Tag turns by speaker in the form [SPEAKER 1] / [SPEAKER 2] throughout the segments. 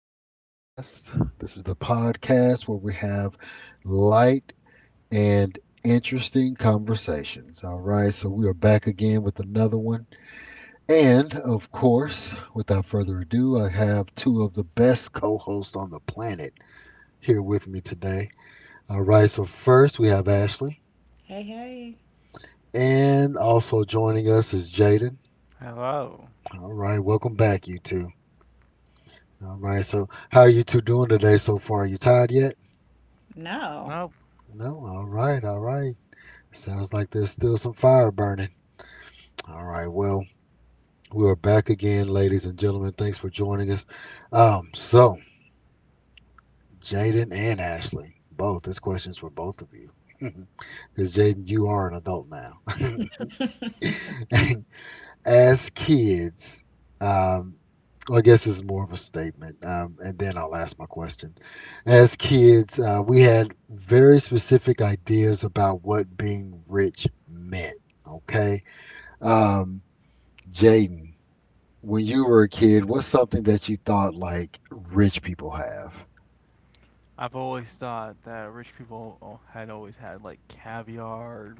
[SPEAKER 1] Rodcast. This is the podcast where we have light and interesting conversations. All right, so we are back again with another one. And of course, without further ado, I have two of the best co hosts on the planet here with me today. All right, so first we have Ashley,
[SPEAKER 2] Hey, hey.
[SPEAKER 1] and also joining us is Jaden.
[SPEAKER 3] Hello.
[SPEAKER 1] All right, welcome back, you two. All right, so how are you two doing today so far? You tired yet?
[SPEAKER 2] No.
[SPEAKER 3] Nope.
[SPEAKER 1] No, all right, all right. Sounds like there's still some fire burning. All right, well, we are back again, ladies and gentlemen. Thanks for joining us. So Jaden and Ashley, both. This question's for both of you. Because Jaden, you are an adult now. As kids, um, well, I guess this is more of a statement, and then I'll ask my question. As kids, we had very specific ideas about what being rich meant. Okay. Um, Jaden, when you were a kid, what's something that you thought like rich people have?
[SPEAKER 3] I've always thought that rich people had always had like caviar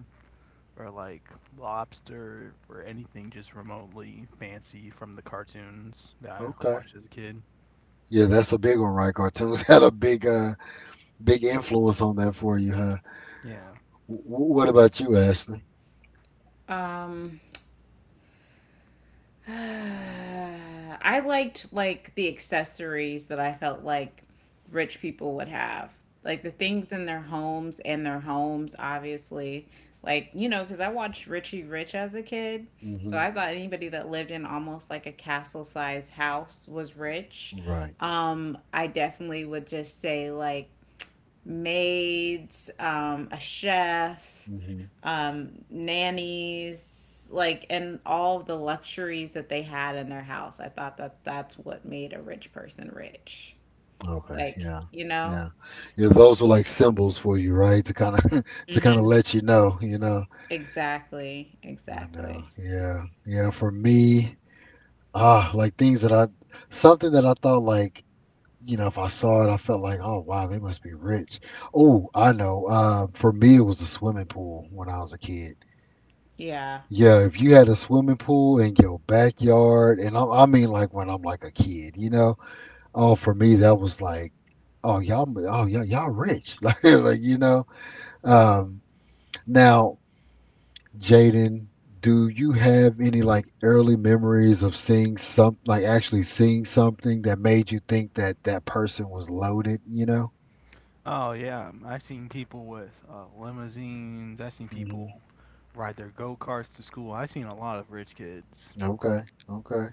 [SPEAKER 3] or like lobster or anything just remotely fancy from the cartoons that I
[SPEAKER 1] Okay.
[SPEAKER 3] watched as a kid.
[SPEAKER 1] Yeah, that's a big one, right? Cartoons had a big influence on that for you, huh?
[SPEAKER 3] Yeah.
[SPEAKER 1] W- what about you, Ashley?
[SPEAKER 2] Um, uh, I liked like the accessories that I felt like rich people would have, like the things in their homes and their homes, obviously. Like you know, because I watched Richie Rich as a kid, so
[SPEAKER 1] Hmm.
[SPEAKER 2] I thought anybody that lived in almost like a castle-sized house was rich.
[SPEAKER 1] Right.
[SPEAKER 2] I definitely would just say like maids, a chef,
[SPEAKER 1] Hmm.
[SPEAKER 2] nannies, like, and all of the luxuries that they had in their house. I thought that that's what made a rich person rich.
[SPEAKER 1] Okay.
[SPEAKER 2] Like,
[SPEAKER 1] Yeah.
[SPEAKER 2] you know?
[SPEAKER 1] Yeah. Yeah. Those were like symbols for you, right? To kind of, to kind of
[SPEAKER 2] Hmm.
[SPEAKER 1] let you know.
[SPEAKER 2] Exactly.
[SPEAKER 1] I know.
[SPEAKER 2] Exactly.
[SPEAKER 1] Yeah. Yeah. For me, like things something that I thought like, you know, if I saw it, I felt like, "Oh, wow, they must be rich." Oh, I know. For me, it was a swimming pool when I was a kid.
[SPEAKER 2] Yeah.
[SPEAKER 1] Yeah, if you had a swimming pool in your backyard, and I mean, like when I'm like a kid, you know. Oh, for me, that was like, oh, y'all, y'all rich," like you know. Um, Now, Jaden, do you have any like early memories of seeing like actually seeing something that made you think that that person was loaded?
[SPEAKER 3] Oh yeah. I've seen people with limousines. I've seen
[SPEAKER 1] Mm-hmm.
[SPEAKER 3] people ride their go karts to school. I've seen a lot of rich kids.
[SPEAKER 1] Okay, okay.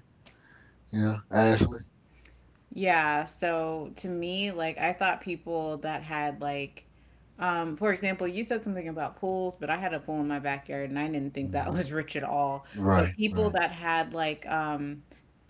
[SPEAKER 1] Yeah, Ashley.
[SPEAKER 2] Yeah. So to me, like, I thought people that had, like, for example, you said something about pools, but I had a pool in my backyard and I didn't think that
[SPEAKER 1] Mhm.
[SPEAKER 2] was rich at all. But
[SPEAKER 1] Right,
[SPEAKER 2] people
[SPEAKER 1] right.
[SPEAKER 2] that had, like,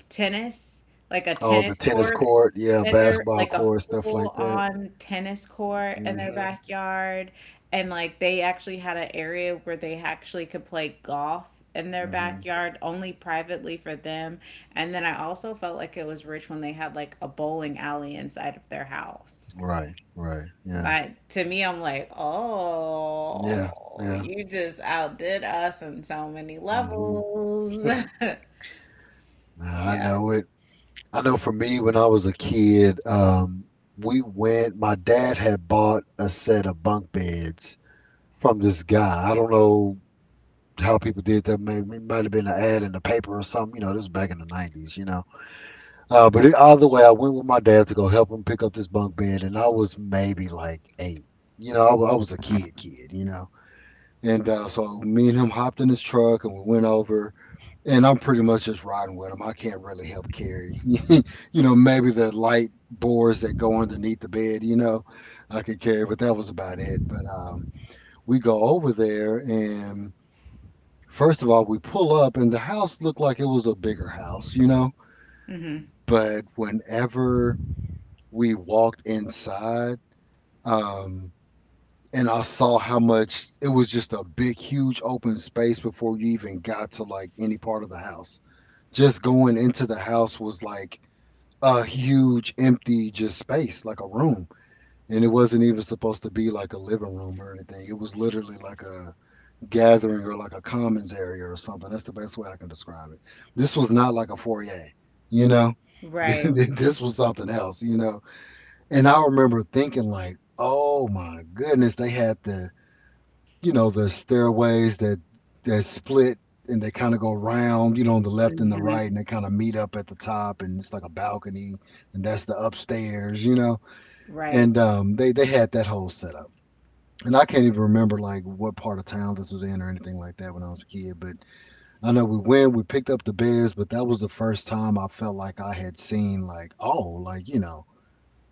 [SPEAKER 2] tennis, like a
[SPEAKER 1] Oh, the
[SPEAKER 2] tennis
[SPEAKER 1] tennis
[SPEAKER 2] court,
[SPEAKER 1] court, yeah,
[SPEAKER 2] and they're
[SPEAKER 1] basketball
[SPEAKER 2] like a
[SPEAKER 1] court, stuff
[SPEAKER 2] full
[SPEAKER 1] like that.
[SPEAKER 2] on tennis court in their
[SPEAKER 1] Mhm.
[SPEAKER 2] backyard, and like they actually had an area where they actually could play golf in their
[SPEAKER 1] Mhm.
[SPEAKER 2] backyard only privately for them, and then I also felt like it was rich when they had like a bowling alley inside of their house.
[SPEAKER 1] Right, right. Yeah.
[SPEAKER 2] Like to me I'm like,
[SPEAKER 1] Yeah.
[SPEAKER 2] "Oh,
[SPEAKER 1] Yeah.
[SPEAKER 2] you just outdid us on so many
[SPEAKER 1] Mhm.
[SPEAKER 2] levels."
[SPEAKER 1] I
[SPEAKER 2] Yeah.
[SPEAKER 1] know it. I know for me when I was a kid, we went my dad had bought a set of bunk beds from this guy. I don't know how people did that. Maybe it might have been an ad in the paper or something, you know, this was back in the 90s, you know. But the either way, I went with my dad to go help him pick up this bunk bed, and I was maybe like 8. You know, I was a kid, kid. You know, and so me and him hopped in his truck, and we went over, and I'm pretty much just riding with him. I can't really help carry. You know, maybe the light boards that go underneath the bed. You know, I could carry, but that was about it. But we go over there, and first of all, we pull up, and the house looked like it was a bigger house. You know,
[SPEAKER 2] Hmm.
[SPEAKER 1] but whenever we walked inside um and I saw how much it was just a big huge open space before you even got to like any part of the house. Just going into the house was like a huge empty just space like a room, and it wasn't even supposed to be like a living room or anything. It was literally like a gathering or like a commons area or something. That's the best way I can describe it. This was not like a foyer, you know.
[SPEAKER 2] Right.
[SPEAKER 1] This was something else, you know, and I remember thinking like, "Oh my goodness, they had the stairways that split, and they kind of go round, you know, on the left and the right,
[SPEAKER 2] Hmm.
[SPEAKER 1] and they kind of meet up at the top, and it's like a balcony, and that's the upstairs, you know."
[SPEAKER 2] Right.
[SPEAKER 1] And they had that whole setup. And I can't even remember like what part of town this was in or anything like that when I was a kid, but I know we picked up the beds, but that was the first time I felt like I had seen like, oh, like you know,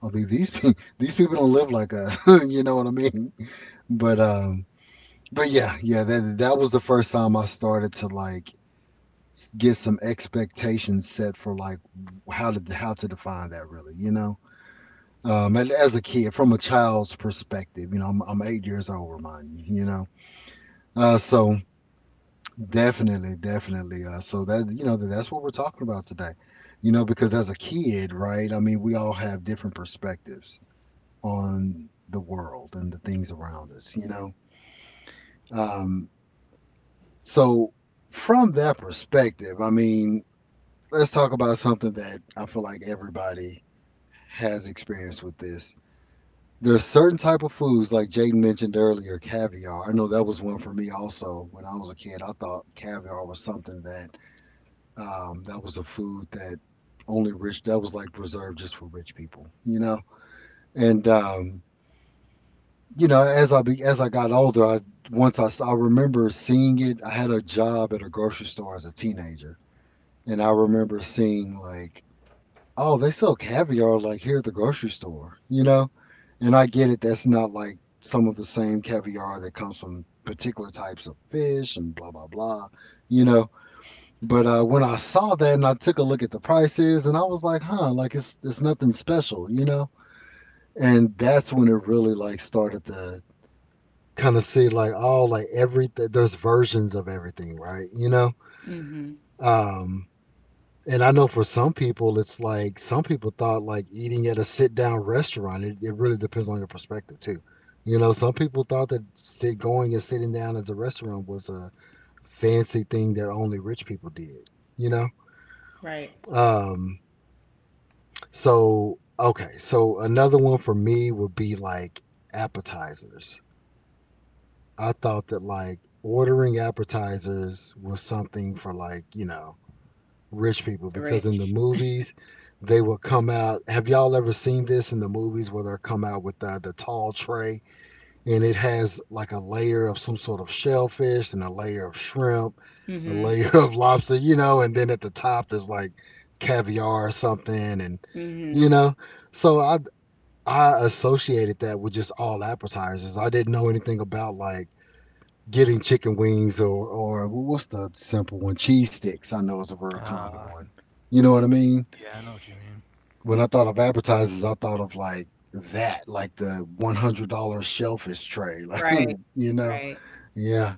[SPEAKER 1] I'll be these pe- these people don't live like us, you know what I mean? But um, but yeah, yeah, that was the first time I started to like get some expectations set for like how to define that really, you know. And as a kid, from a child's perspective, you know, I'm 8 years old, remind you, you know. So definitely, definitely. So that you know that's what we're talking about today, you know, because as a kid, right? I mean, we all have different perspectives, on the world and the things around us, you know? Um, so, from that perspective, I mean, let's talk about something that I feel like everybody has experience with this. There's certain type of foods, like Jaden mentioned earlier, caviar. I know that was one for me also when I was a kid. I thought caviar was something that was a food that only rich that was like reserved just for rich people, you know. And you know, as I got older, I remember seeing it. I had a job at a grocery store as a teenager, and I remember seeing like, oh, they sell caviar like here at the grocery store, you know. And I get it. That's not like some of the same caviar that comes from particular types of fish and blah blah blah, you know. But when I saw that and I took a look at the prices, and I was like, huh, like it's nothing special, you know. And that's when it really like started to kind of see like all like every there's versions of everything, right? You know,
[SPEAKER 2] Hmm.
[SPEAKER 1] um, and I know for some people it's like some people thought like eating at a sit down restaurant. It really depends on your perspective too. You know, some people thought that sit going and sitting down at a restaurant was a fancy thing that only rich people did. You know,
[SPEAKER 2] Right.
[SPEAKER 1] um, so okay, so another one for me would be like appetizers. I thought that like ordering appetizers was something for like, you know, rich people
[SPEAKER 2] The
[SPEAKER 1] because in the
[SPEAKER 2] rich.
[SPEAKER 1] movies they will come out. Have y'all ever seen this in the movies where they'll come out with the tall tray, and it has like a layer of some sort of shellfish and a layer of shrimp, a
[SPEAKER 2] Hmm. mm
[SPEAKER 1] layer of lobster, you know, and then at the top there's like caviar or something and you
[SPEAKER 2] hmm
[SPEAKER 1] know. So I associated that with just all appetizers. I didn't know anything about like getting chicken wings or well, what's the simple one? Cheese sticks. I know is a real common
[SPEAKER 3] Uh,
[SPEAKER 1] one. You know what I mean?
[SPEAKER 3] yeah, I know what you mean.
[SPEAKER 1] When I thought of advertisers, I thought of like that, like the $100 shellfish tray. Like
[SPEAKER 2] Right.
[SPEAKER 1] you know,
[SPEAKER 2] Right.
[SPEAKER 1] yeah.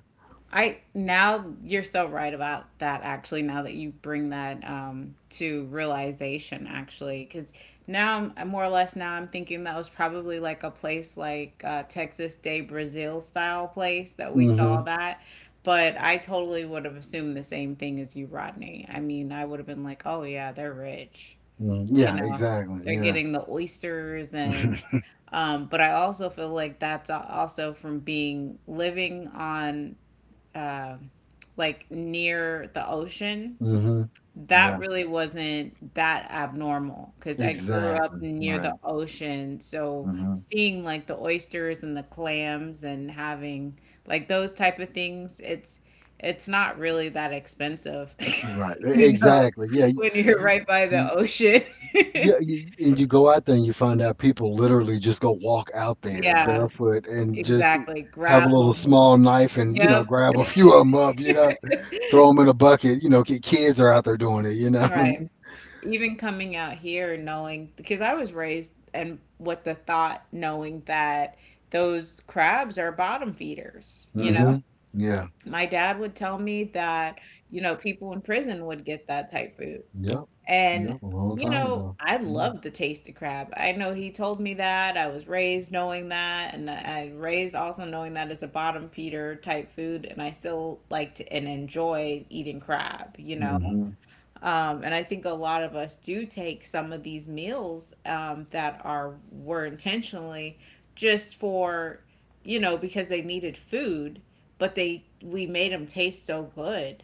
[SPEAKER 2] I now you're so right about that actually, now that you bring that to realization, actually, because now I'm more or less now I'm thinking that was probably like a place like Texas Day Brazil style place that we saw
[SPEAKER 1] Hmm.
[SPEAKER 2] that, but I totally would have assumed the same thing as you, Rodney. I mean, I would have been like, "Oh yeah, they're rich."
[SPEAKER 1] Hmm.
[SPEAKER 2] You
[SPEAKER 1] Yeah,
[SPEAKER 2] know,
[SPEAKER 1] exactly.
[SPEAKER 2] they're
[SPEAKER 1] Yeah.
[SPEAKER 2] getting the oysters and but I also feel like that's also from being living on um like near the ocean.
[SPEAKER 1] Hmm.
[SPEAKER 2] That
[SPEAKER 1] Yeah,
[SPEAKER 2] really wasn't that abnormal, because I grew up
[SPEAKER 1] exactly.
[SPEAKER 2] near the
[SPEAKER 1] Right.
[SPEAKER 2] ocean. So
[SPEAKER 1] Hmm.
[SPEAKER 2] seeing like the oysters and the clams and having like those type of things, it's not really that expensive,
[SPEAKER 1] Right. E-
[SPEAKER 2] you know,
[SPEAKER 1] Exactly. Yeah.
[SPEAKER 2] when you're right by the
[SPEAKER 1] You,
[SPEAKER 2] ocean.
[SPEAKER 1] Yeah, and you go out there and you find out people literally just go walk out there
[SPEAKER 2] Yeah,
[SPEAKER 1] barefoot and just
[SPEAKER 2] exactly.
[SPEAKER 1] have a
[SPEAKER 2] Grab
[SPEAKER 1] little
[SPEAKER 2] them.
[SPEAKER 1] small knife and, you know,
[SPEAKER 2] Yep.
[SPEAKER 1] grab a few of them up, you know, throw them in a bucket. You know, kids are out there doing it, you know.
[SPEAKER 2] Right. Even coming out here and knowing, because I was raised and with the thought, knowing that those crabs are bottom feeders, you know?
[SPEAKER 1] Hmm. Yeah.
[SPEAKER 2] My dad would tell me that, you know, people in prison would get that type food.
[SPEAKER 1] Yep.
[SPEAKER 2] And,
[SPEAKER 1] Yep. A long
[SPEAKER 2] you
[SPEAKER 1] time
[SPEAKER 2] know,
[SPEAKER 1] ago.
[SPEAKER 2] I
[SPEAKER 1] Yeah.
[SPEAKER 2] love the taste of crab. I know he told me that. I was raised knowing that. And I raised also knowing that it's a bottom feeder type food. And I still like to and enjoy eating crab, you know.
[SPEAKER 1] Hmm.
[SPEAKER 2] And I think a lot of us do take some of these meals that are were intentionally just for, you know, because they needed food, but they we made them taste so good,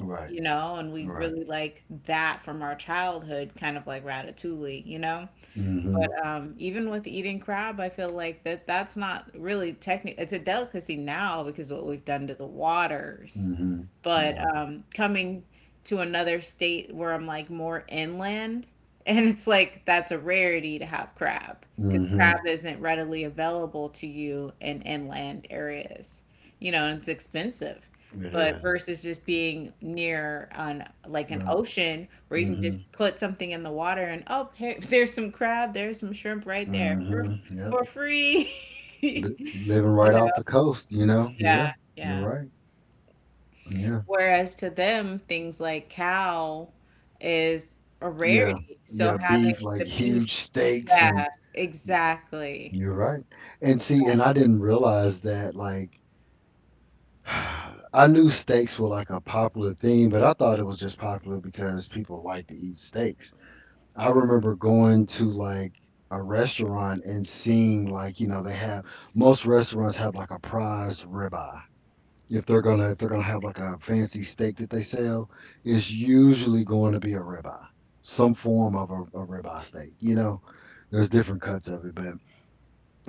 [SPEAKER 1] Right.
[SPEAKER 2] you know, and we
[SPEAKER 1] Right.
[SPEAKER 2] really like that from our childhood, kind of like ratatouille, you know?
[SPEAKER 1] Hmm.
[SPEAKER 2] But even with eating crab, I feel like that that's not really technical. It's a delicacy now because of what we've done to the waters,
[SPEAKER 1] Hmm.
[SPEAKER 2] but
[SPEAKER 1] Yeah.
[SPEAKER 2] coming to another state where I'm like more inland, and it's like that's a rarity to have crab because crab
[SPEAKER 1] Hmm.
[SPEAKER 2] isn't readily available to you in inland areas. You know, and it's expensive.
[SPEAKER 1] It
[SPEAKER 2] But
[SPEAKER 1] is.
[SPEAKER 2] versus just being near on like an ocean where you can
[SPEAKER 1] Mm-hmm.
[SPEAKER 2] just put something in the water and, oh, here, there's some crab, there's some shrimp right there
[SPEAKER 1] Hmm. Yep.
[SPEAKER 2] for free.
[SPEAKER 1] Living
[SPEAKER 2] You
[SPEAKER 1] right
[SPEAKER 2] know,
[SPEAKER 1] off the coast, you know.
[SPEAKER 2] yeah,
[SPEAKER 1] Yeah. You're
[SPEAKER 2] yeah.
[SPEAKER 1] right. Yeah.
[SPEAKER 2] Whereas to them, things like cow is a
[SPEAKER 1] Yeah.
[SPEAKER 2] rarity. So
[SPEAKER 1] Yeah,
[SPEAKER 2] having
[SPEAKER 1] beef, like
[SPEAKER 2] the
[SPEAKER 1] huge
[SPEAKER 2] beef,
[SPEAKER 1] steaks and
[SPEAKER 2] yeah, exactly.
[SPEAKER 1] you're right. And see, and I
[SPEAKER 2] Exactly.
[SPEAKER 1] didn't realize that like I knew steaks were like a popular thing, but I thought it was just popular because people like to eat steaks. I remember going to like a restaurant and seeing like, you know, they have most restaurants have like a prized ribeye. If they're gonna have like a fancy steak that they sell, it's usually going to be a ribeye, some form of a ribeye steak. You know, there's different cuts of it, but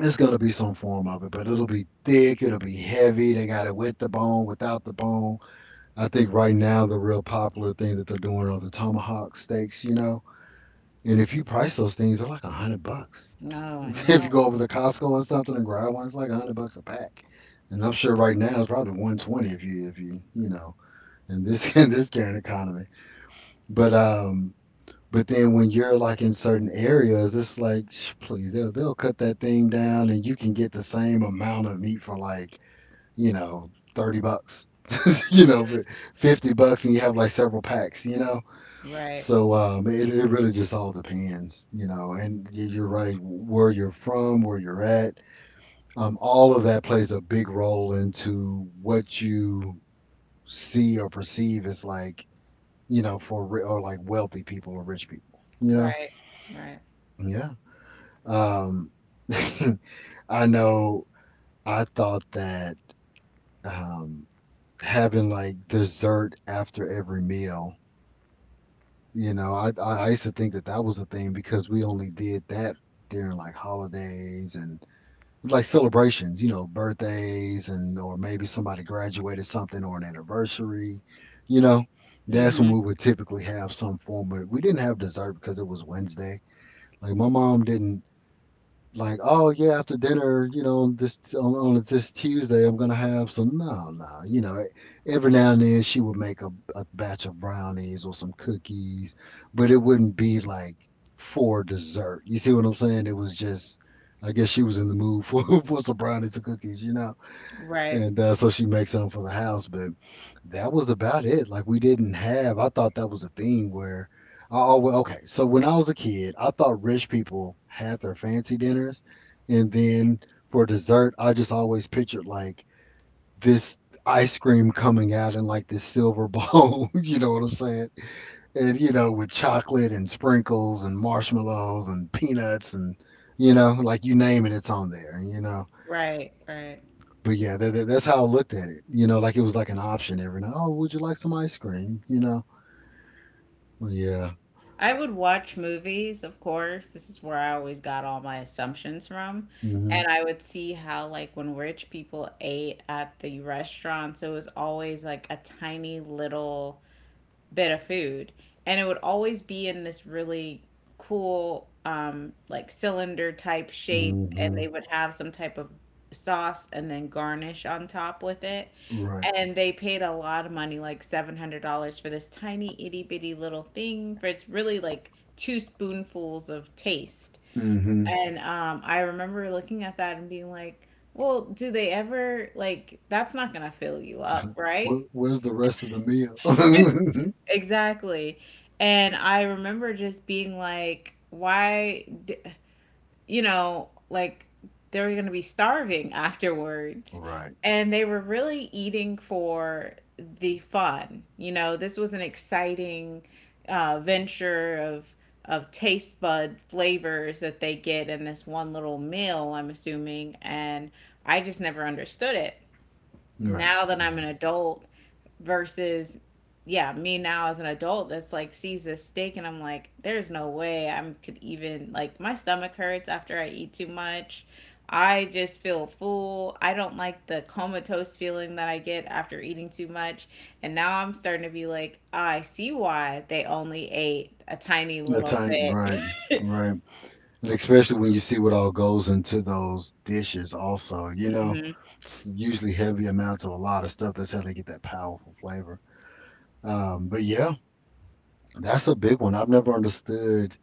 [SPEAKER 1] it's gonna be some form of it. But it'll be thick, it'll be heavy. They got it with the bone, without the bone. I think right now the real popular thing that they're doing are the tomahawk steaks. You know, and if you price those things, they're like 100 bucks.
[SPEAKER 2] No, I
[SPEAKER 1] If
[SPEAKER 2] know.
[SPEAKER 1] you go over to Costco or something and grab one, it's like 100 bucks a pack. And I'm sure right now it's probably 120 if you you know in this in this current economy. But um, but then when you're like in certain areas, it's like, please, they'll cut that thing down, and you can get the same amount of meat for like you know 30 bucks, you know,
[SPEAKER 2] Mhm.
[SPEAKER 1] fi- 50 bucks, and you have like several packs.
[SPEAKER 2] Right,
[SPEAKER 1] So, it really just all depends. And you're right, where you're from, where you're at, all of that plays a big role into what you see or perceive as like you know, for ri or like wealthy people or rich people, you know?
[SPEAKER 2] right, right.
[SPEAKER 1] Yeah. Um, I know I thought that um, having like dessert after every meal. I used to think that that was a thing because we only did that during like holidays and like celebrations, birthdays and or maybe somebody graduated something or an anniversary, you know. That's when
[SPEAKER 2] Hmm.
[SPEAKER 1] we would typically have some form of, we didn't have dessert because it was Wednesday. Like my mom didn't, like, oh yeah, after dinner, this on this Tuesday, I'm gonna have some. No, no, every now and then she would make a batch of brownies or some cookies, but it wouldn't be like for dessert. You see what I'm saying? It was just, I guess she was in the mood for for some brownies and cookies.
[SPEAKER 2] Right,
[SPEAKER 1] And so she makes something for the house, but that was about it. Like we didn't have. I thought that was a thing where I always, okay. So when I was a kid, I thought rich people had their fancy dinners, and then for dessert, I just always pictured like this ice cream coming out in like this silver bowl. You know what I'm saying? And with chocolate and sprinkles and marshmallows and peanuts and like you name it, it's on there.
[SPEAKER 2] right.
[SPEAKER 1] But yeah, that's how I looked at it. Like it was like an option every night. Oh, would you like some ice cream? Well, yeah.
[SPEAKER 2] I would watch movies, of course. This is where I always got all my assumptions from.
[SPEAKER 1] Mhm.
[SPEAKER 2] And I would see how, like, when rich people ate at the restaurants, it was always like a tiny little bit of food, and it would always be in this really cool like cylinder type shape, and they
[SPEAKER 1] Mhm.
[SPEAKER 2] would have some type of sauce and then garnish on top with it,
[SPEAKER 1] Right.
[SPEAKER 2] and they paid a lot of money like $700 for this tiny itty bitty little thing, for it's really like two spoonfuls of taste.
[SPEAKER 1] Mhm.
[SPEAKER 2] And I remember looking at that and being like, well, do they ever like, that's not gonna fill you up,
[SPEAKER 1] Where,
[SPEAKER 2] right?
[SPEAKER 1] where's the rest of the meal?
[SPEAKER 2] Exactly. And I remember just being like, why, you know, like they were going to be starving afterwards.
[SPEAKER 1] Right.
[SPEAKER 2] And they were really eating for the fun. You know, this was an exciting venture of taste bud flavors that they get in this one little meal, I'm assuming. And I just never understood it.
[SPEAKER 1] Right.
[SPEAKER 2] Now that I'm
[SPEAKER 1] Right.
[SPEAKER 2] an adult, versus, yeah, me now as an adult that's like sees this steak and I'm like, there's no way I could even like my stomach hurts after I eat too much. I just feel full. I don't like the comatose feeling that I get after eating too much. And now I'm starting to be like, "Ah, I see why they only ate a tiny
[SPEAKER 1] The
[SPEAKER 2] little
[SPEAKER 1] time.
[SPEAKER 2] bit.
[SPEAKER 1] Right. Right. And especially when you see what all goes into those dishes, also, you know,
[SPEAKER 2] Hmm.
[SPEAKER 1] it's usually heavy amounts of a lot of stuff. That's how they get that powerful flavor. But yeah, that's a big one. I've never understood.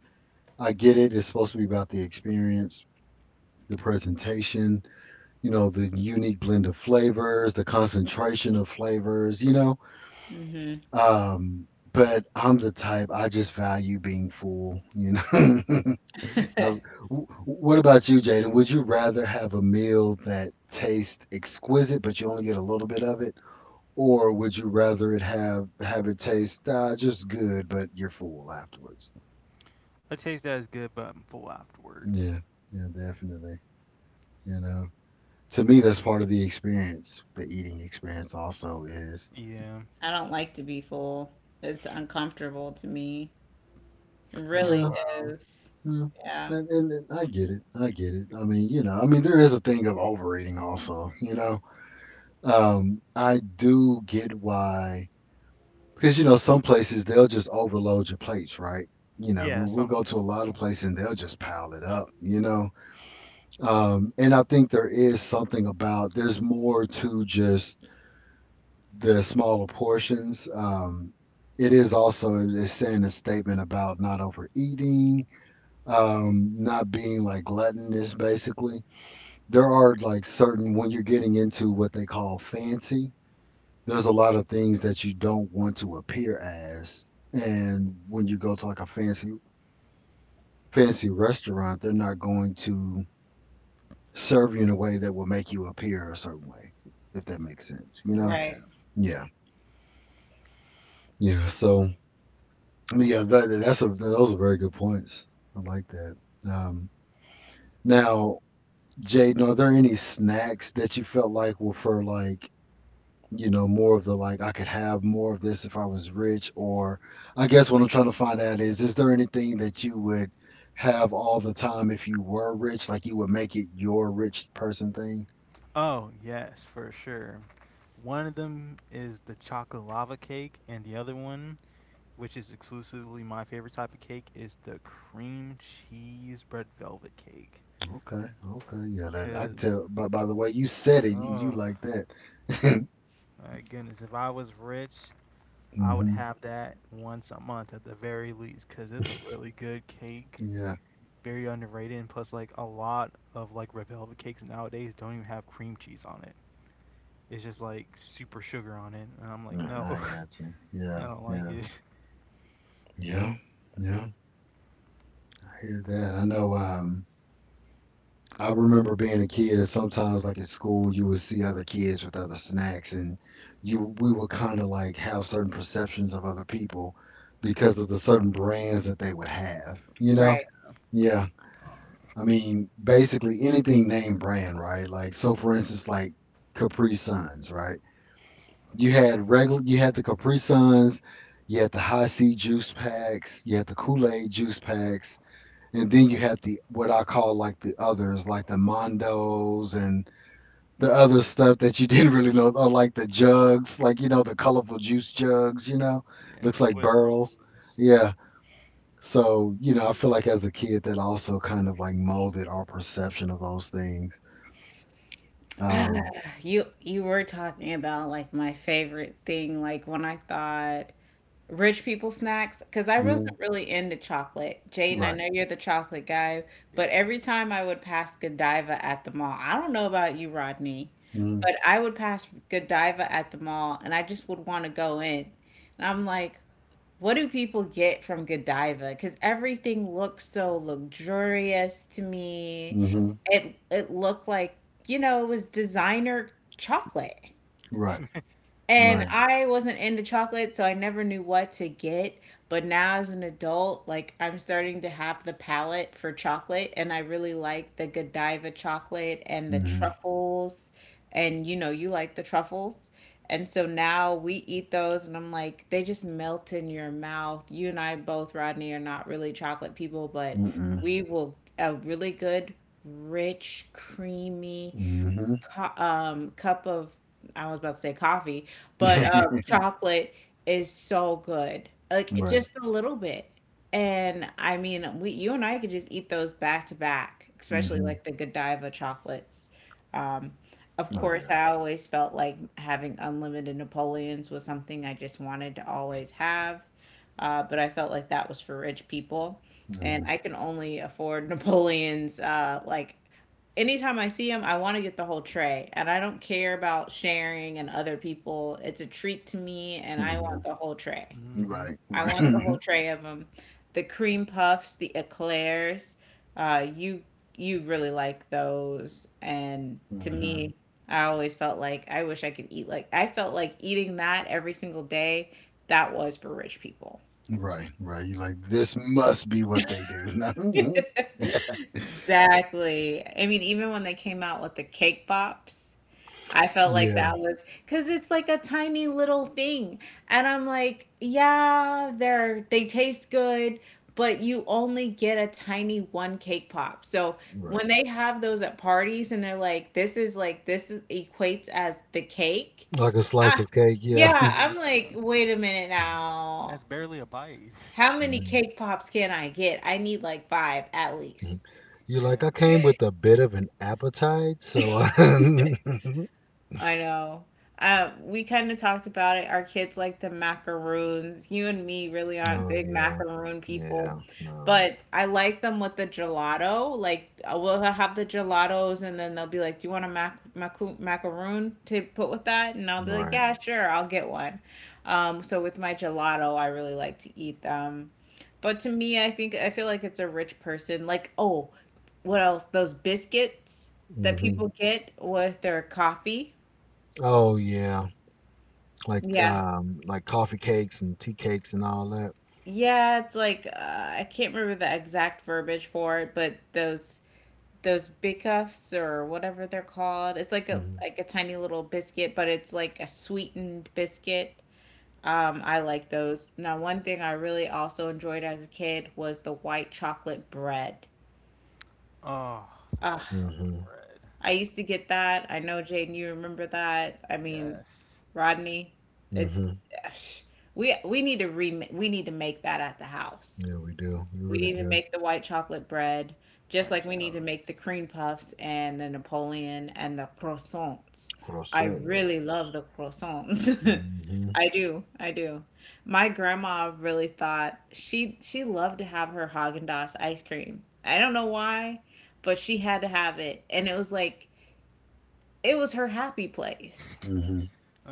[SPEAKER 1] I get it. It's supposed to be about the experience, the presentation, the unique blend of flavors, the concentration of flavors.
[SPEAKER 2] Hmm.
[SPEAKER 1] Um, but I'm the type, I just value being full. I- what about you, Jaden? Would you rather have a meal that tastes exquisite but you only get a little bit of it, or would you rather it have it taste just good but you're full afterwards?
[SPEAKER 3] The taste that is good, but I'm full afterwards.
[SPEAKER 1] Yeah, yeah, definitely. You know. To me that's part of the experience, the eating experience also is.
[SPEAKER 3] Yeah.
[SPEAKER 2] I don't like to be full. It's uncomfortable to me. It
[SPEAKER 3] Oh
[SPEAKER 1] Yeah,
[SPEAKER 2] really
[SPEAKER 3] wow.
[SPEAKER 2] is.
[SPEAKER 1] yeah.
[SPEAKER 2] Yeah.
[SPEAKER 1] And I get it, I get it. I mean, I mean there is a thing of overeating also, you know. I do get why, because some places they'll just overload your plates, right.
[SPEAKER 3] Yeah,
[SPEAKER 1] We'll
[SPEAKER 3] some
[SPEAKER 1] go to a
[SPEAKER 3] places
[SPEAKER 1] lot of
[SPEAKER 3] will.
[SPEAKER 1] places and they'll just pile it up, you know. And I think there is something about there's more to just they're smaller portions. It is also, it's saying a statement about not overeating, not being like gluttonous. Basically, there are like certain, when you're getting into what they call fancy, there's a lot of things that you don't want to appear as, and when you go to like a fancy restaurant, they're not going to serve you in a way that will make you appear a certain way, if that makes sense. You know?
[SPEAKER 2] Right.
[SPEAKER 3] Yeah.
[SPEAKER 1] Yeah. Yeah. So. But yeah, that, that's a those are very good points. I like that. Um, Now, Jaden, are there any snacks that you felt like were for like more of the, like, I could have more of this if I was rich? Or I guess what I'm trying to find out is there anything that you would have all the time if you were rich? Like you would make it your rich person thing?
[SPEAKER 3] Oh, yes, for sure. One of them is the chocolate lava cake, and the other one, which is exclusively my favorite type of cake, is the cream cheese bread velvet cake.
[SPEAKER 1] Okay, okay, yeah. That I could
[SPEAKER 3] Cause,
[SPEAKER 1] tell. By the way you said it. You
[SPEAKER 3] oh
[SPEAKER 1] like that.
[SPEAKER 3] my goodness, if I was rich, I would
[SPEAKER 1] Hmm.
[SPEAKER 3] have that once a month at the very least, cause it's a really good cake,
[SPEAKER 1] Yeah.
[SPEAKER 3] very underrated, and plus like a lot of like red velvet cakes nowadays don't even have cream cheese on it. It's just like super sugar on it, and I'm like,
[SPEAKER 1] Yeah,
[SPEAKER 3] no.
[SPEAKER 1] I got you.
[SPEAKER 3] I
[SPEAKER 1] Yeah,
[SPEAKER 3] don't like
[SPEAKER 1] yeah.
[SPEAKER 3] it.
[SPEAKER 1] Yeah, yeah, I hear that. I know. I remember being a kid, and sometimes, like at school, you would see other kids with other snacks, and you we would kind of like have certain perceptions of other people because of the certain brands that they would have. You
[SPEAKER 3] Yeah,
[SPEAKER 1] know?
[SPEAKER 2] Right.
[SPEAKER 1] Yeah. I mean, basically anything name brand, right? Like, so for instance, like Capri Suns, right? You had regular, you had the Capri Suns, you had the high C juice packs, you had the Kool Aid juice packs. And then you had the, what I call, like the others, like the Mondos and the other stuff that you didn't really know, or like the jugs, like the colorful juice jugs,
[SPEAKER 3] yeah, the
[SPEAKER 1] looks like
[SPEAKER 3] Swiss
[SPEAKER 1] barrels.
[SPEAKER 3] rolls.
[SPEAKER 1] Yeah. So I feel like as a kid that also kind of like molded our perception of those things.
[SPEAKER 2] Ah,
[SPEAKER 1] Um.
[SPEAKER 2] you were talking about like my favorite thing, like when I thought rich people snacks, because I
[SPEAKER 1] Mhm.
[SPEAKER 2] wasn't really into chocolate. Jaden, I
[SPEAKER 1] Right.
[SPEAKER 2] know you're the chocolate guy, but
[SPEAKER 3] Yes.
[SPEAKER 2] every time I would pass Godiva at the mall, I don't know about you, Rodney,
[SPEAKER 1] Mm-hmm.
[SPEAKER 2] but I would pass Godiva at the mall, and I just would want to go in. And I'm like, what do people get from Godiva? Because everything looks so luxurious to me.
[SPEAKER 1] Mm-hmm.
[SPEAKER 2] It looked like, you know, it was designer chocolate.
[SPEAKER 1] Right.
[SPEAKER 2] And
[SPEAKER 1] Right.
[SPEAKER 2] I wasn't into chocolate, so I never knew what to get. But now, as an adult, like I'm starting to have the palate for chocolate, and I really like the Godiva chocolate and the
[SPEAKER 1] Mm-hmm.
[SPEAKER 2] truffles. And you know, you like the truffles. And so now we eat those, and I'm like, they just melt in your mouth. You and I both, Rodney, are not really chocolate people, but
[SPEAKER 1] Mm-mm.
[SPEAKER 2] we will, a really good, rich, creamy,
[SPEAKER 1] Mm-hmm.
[SPEAKER 2] cup of, I was about to say coffee, but chocolate is so good. Like it-
[SPEAKER 1] Right.
[SPEAKER 2] just a little bit. And I mean, we, you and I could just eat those back to back, especially
[SPEAKER 1] Mm-hmm.
[SPEAKER 2] like the Godiva chocolates. Um, of
[SPEAKER 1] Oh
[SPEAKER 2] course,
[SPEAKER 1] yeah.
[SPEAKER 2] I always felt like having unlimited Napoleons was something I just wanted to always have. But I felt like that was for rich people. And
[SPEAKER 1] Mm-hmm.
[SPEAKER 2] I can only afford Napoleons like anytime I see them, I want to get the whole tray. And I don't care about sharing and other people. It's a treat to me, and I
[SPEAKER 1] Mm-hmm.
[SPEAKER 2] want the whole tray.
[SPEAKER 3] Mm-hmm.
[SPEAKER 1] Right.
[SPEAKER 2] I
[SPEAKER 1] Right.
[SPEAKER 2] want the whole tray of them. The cream puffs, the eclairs. Uh, you you really like those, and to
[SPEAKER 1] Mm-hmm.
[SPEAKER 2] me, I always felt like I wish I could eat like I felt like eating that every single day. That was for rich people.
[SPEAKER 1] Right, right. You like, this must be what they do. Mhm.
[SPEAKER 2] Exactly. I mean, even when they came out with the cake pops, I felt like
[SPEAKER 1] Yeah,
[SPEAKER 2] that was because it's like a tiny little thing, and I'm like, "Yeah, they're they taste good, but you only get a tiny one cake pop." So,
[SPEAKER 1] right.
[SPEAKER 2] when they have those at parties and they're like this is equates as the cake."
[SPEAKER 1] Like a slice
[SPEAKER 2] Ah,
[SPEAKER 1] of cake, yeah.
[SPEAKER 2] yeah,
[SPEAKER 3] Yeah.
[SPEAKER 2] I'm like, "Wait a minute now.
[SPEAKER 3] That's barely a bite.
[SPEAKER 2] How
[SPEAKER 1] Mhm.
[SPEAKER 2] many
[SPEAKER 1] Mhm.
[SPEAKER 2] cake pops can I get? I need like five at least."
[SPEAKER 1] You like,
[SPEAKER 3] Yeah.
[SPEAKER 1] I came with a bit of an appetite, so.
[SPEAKER 2] I know. We kind of talked about it. Our kids like the macaroons. You and me really aren't
[SPEAKER 1] Oh,
[SPEAKER 2] big
[SPEAKER 1] yeah,
[SPEAKER 2] macaroon
[SPEAKER 1] yeah,
[SPEAKER 2] people,
[SPEAKER 1] no,
[SPEAKER 2] but I like them with the gelato. Like we'll have the gelatos, and then they'll be like, "Do you want a macaroon to put with that?" And I'll be like,
[SPEAKER 1] right.
[SPEAKER 2] "Yeah, sure, I'll get one." So with my gelato, I really like to eat them. But to me, I think I feel like it's a rich person. Like, oh, what else? Those biscuits that
[SPEAKER 1] Hmm.
[SPEAKER 2] people get with their coffee.
[SPEAKER 1] Oh, yeah. Like,
[SPEAKER 2] Yeah.
[SPEAKER 1] um, like coffee cakes and tea cakes and all that.
[SPEAKER 2] Yeah, it's like I can't remember the exact verbiage for it, but those big cuffs or whatever they're called. It's
[SPEAKER 1] Hmm.
[SPEAKER 2] like a tiny little biscuit, but it's like a sweetened biscuit. I like those. Now, one thing I really also enjoyed as a kid was the white chocolate bread.
[SPEAKER 3] Oh, the
[SPEAKER 2] Ugh,
[SPEAKER 3] white chocolate
[SPEAKER 1] Hmm.
[SPEAKER 3] bread.
[SPEAKER 2] I used to get that. I know, Jaden, you remember that. I mean,
[SPEAKER 3] Yes.
[SPEAKER 2] Rodney, it's
[SPEAKER 1] Hmm.
[SPEAKER 2] we need to re we need to make that at the house.
[SPEAKER 1] Yeah, we do. We
[SPEAKER 2] We
[SPEAKER 1] really
[SPEAKER 2] need to
[SPEAKER 1] do.
[SPEAKER 2] make the white chocolate bread, just like
[SPEAKER 3] French
[SPEAKER 2] we need to
[SPEAKER 3] toast.
[SPEAKER 2] make the cream puffs and the Napoleon and the croissants. I
[SPEAKER 1] Croissant.
[SPEAKER 2] really love the croissants.
[SPEAKER 1] Hmm.
[SPEAKER 2] I do. I do. My grandma really thought she loved to have her Haagen-Dazs ice cream. I don't know why, but she had to have it and it was like it was her happy place,
[SPEAKER 1] Hmm.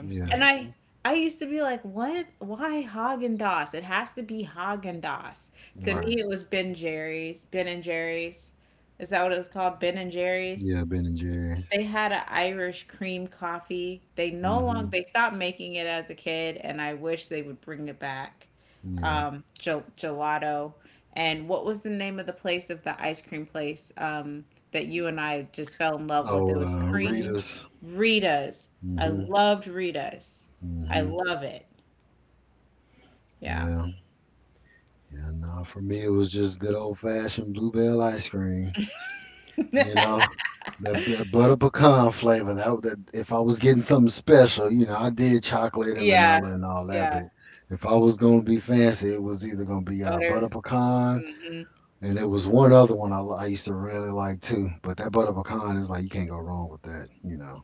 [SPEAKER 1] Yeah,
[SPEAKER 2] and I I used to be like, what? Why Haagen Dazs? It has to be Haagen Dazs. To
[SPEAKER 1] right.
[SPEAKER 2] me, it was Ben Jerry's. Ben and Jerry's. Is that what it was called? Ben and Jerry's.
[SPEAKER 1] Yeah, Ben and Jerry's.
[SPEAKER 2] They had an Irish cream coffee. They no longer
[SPEAKER 1] Mhm.
[SPEAKER 2] they stopped making it as a kid, and I wish they would bring it back.
[SPEAKER 1] Yeah.
[SPEAKER 2] Gelato. And what was the name of the place of the ice cream place, that you and I just fell in love with? It
[SPEAKER 1] Oh,
[SPEAKER 2] was Creams,
[SPEAKER 1] Rita's.
[SPEAKER 2] Rita's. I
[SPEAKER 1] Mhm.
[SPEAKER 2] loved Rita's. I
[SPEAKER 1] Mhm.
[SPEAKER 2] love it. Yeah.
[SPEAKER 1] Yeah. Yeah. Nah, for me it was just good old fashioned bluebell ice cream. You know, that butter pecan flavor. That if I was getting something special, I did chocolate and
[SPEAKER 2] Yeah.
[SPEAKER 1] vanilla and all that,
[SPEAKER 2] Yeah.
[SPEAKER 1] but if I was gonna be fancy, it was either gonna be
[SPEAKER 2] Butter.
[SPEAKER 1] butter pecan,
[SPEAKER 2] Hmm.
[SPEAKER 1] and it was one other one I used to really like too. But that butter pecan is like you can't go wrong with that.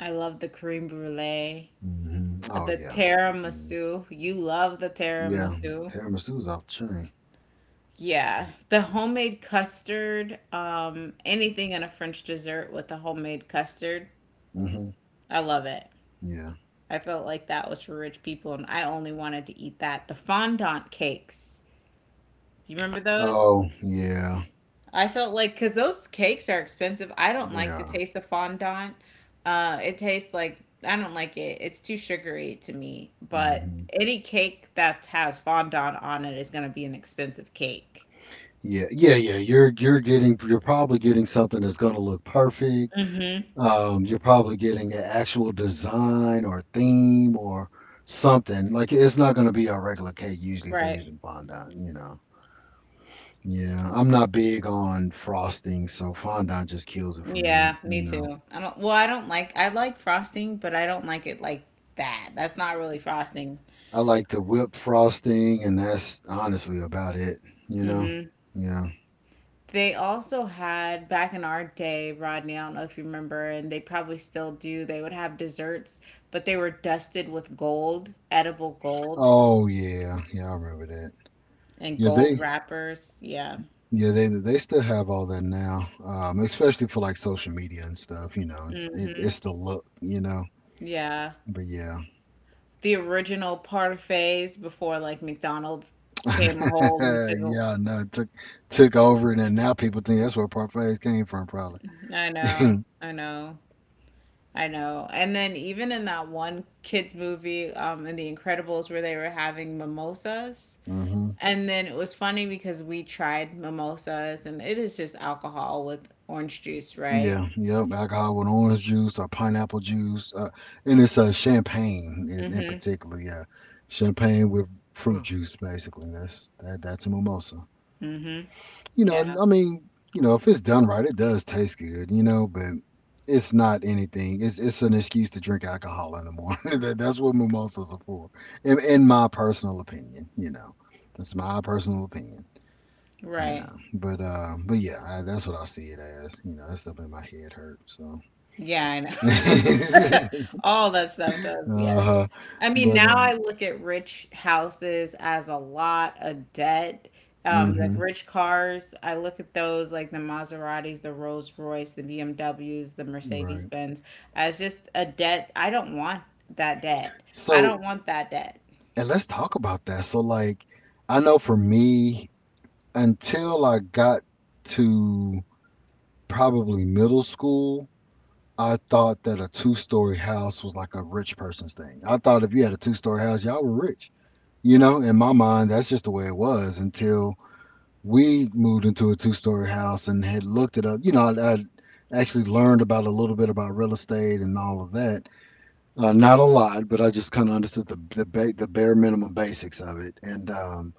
[SPEAKER 2] I love the cream brulee.
[SPEAKER 1] Hmm. Oh
[SPEAKER 2] The
[SPEAKER 1] yeah. Mm-hmm.
[SPEAKER 2] tiramisu. You love the
[SPEAKER 1] Yeah,
[SPEAKER 2] tiramisu.
[SPEAKER 1] tiramisu's off the chain.
[SPEAKER 2] Yeah, the homemade custard, anything in a French dessert with a homemade custard,
[SPEAKER 1] Hmm.
[SPEAKER 2] I love it.
[SPEAKER 1] Yeah.
[SPEAKER 2] I felt like that was for rich people, and I only wanted to eat that. The fondant cakes. Do you remember those?
[SPEAKER 1] Oh, yeah,
[SPEAKER 2] I felt like because those cakes are expensive. I don't
[SPEAKER 1] they
[SPEAKER 2] like the
[SPEAKER 1] are.
[SPEAKER 2] taste of fondant. It tastes like I don't like it. It's too sugary to me. But
[SPEAKER 1] Hmm.
[SPEAKER 2] any cake that has fondant on it is going to be an expensive cake.
[SPEAKER 1] Yeah, yeah, yeah. You're probably getting something that's going to look perfect.
[SPEAKER 2] Hmm.
[SPEAKER 1] You're probably getting an actual design or theme or something. Like it's not going to be a regular cake usually if they're
[SPEAKER 2] Right.
[SPEAKER 1] using fondant, you know. Yeah, I'm not big on frosting, so fondant just kills it for me,
[SPEAKER 2] Yeah, me
[SPEAKER 1] you know.
[SPEAKER 2] too. I don't. Well, I don't like. I like frosting, but I don't like it like that. That's not really frosting.
[SPEAKER 1] I like the whipped frosting, and that's honestly about it, you know.
[SPEAKER 2] Mm-hmm.
[SPEAKER 1] Yeah.
[SPEAKER 2] They also had back in our day, Rodney, I don't know if you remember, and they probably still do, they would have desserts, but they were dusted with gold, edible gold,
[SPEAKER 1] Oh yeah, yeah, I remember that.
[SPEAKER 2] and
[SPEAKER 1] Yeah,
[SPEAKER 2] gold
[SPEAKER 1] they
[SPEAKER 2] wrappers. Yeah.
[SPEAKER 1] yeah they they still have all that now, especially for like social media and stuff. You know, it,
[SPEAKER 2] Hmm.
[SPEAKER 1] it's the look. You know,
[SPEAKER 2] Yeah.
[SPEAKER 1] but yeah.
[SPEAKER 2] The original parfaits before like McDonald's came a hold and took a
[SPEAKER 1] Yeah, no, it took over, and then now people think that's where parfaits came from, probably.
[SPEAKER 2] I know, I know, I know. And then even in that one kids movie, in The Incredibles where they were having mimosas.
[SPEAKER 1] Hmm.
[SPEAKER 2] And then it was funny because we tried mimosas and it is just alcohol with orange juice, right?
[SPEAKER 1] Yeah, yep. Alcohol with orange juice or pineapple juice, and it's champagne in particular. Yeah, champagne with fruit
[SPEAKER 3] Ugh.
[SPEAKER 1] juice, basically. That's that. That's a mimosa.
[SPEAKER 2] Mm-hmm.
[SPEAKER 1] You know,
[SPEAKER 2] Yeah,
[SPEAKER 1] I mean, if it's done right, it does taste good, but it's not anything. It's an excuse to drink alcohol in the morning. That's what mimosas are for, in my personal opinion. That's my personal opinion. You
[SPEAKER 2] right.
[SPEAKER 1] know, but uh, but yeah, that's what I see it as. That stuff made my head hurt. So,
[SPEAKER 2] Yeah, I know. All that stuff does.
[SPEAKER 1] uh
[SPEAKER 2] Yeah.
[SPEAKER 1] huh.
[SPEAKER 2] I mean,
[SPEAKER 1] But
[SPEAKER 2] now I look at rich houses as a lot of debt. Like
[SPEAKER 1] mhm,
[SPEAKER 2] rich cars, I look at those like the Maseratis, the Rolls Royce, the BMWs, the Mercedes
[SPEAKER 1] right.
[SPEAKER 2] Benz as just a debt. I don't want that debt. I
[SPEAKER 1] So,
[SPEAKER 2] don't want that debt.
[SPEAKER 1] and let's talk about that. So, like, I know for me, until I got to probably middle school, I thought that a two-story house was like a rich person's thing. I thought if you had a two-story house, y'all were rich. In my mind, that's just the way it was until we moved into a two-story house and had looked it up. I actually learned about a little bit about real estate and all of that. Not a lot, but I just kind of understood the bare minimum basics of it. And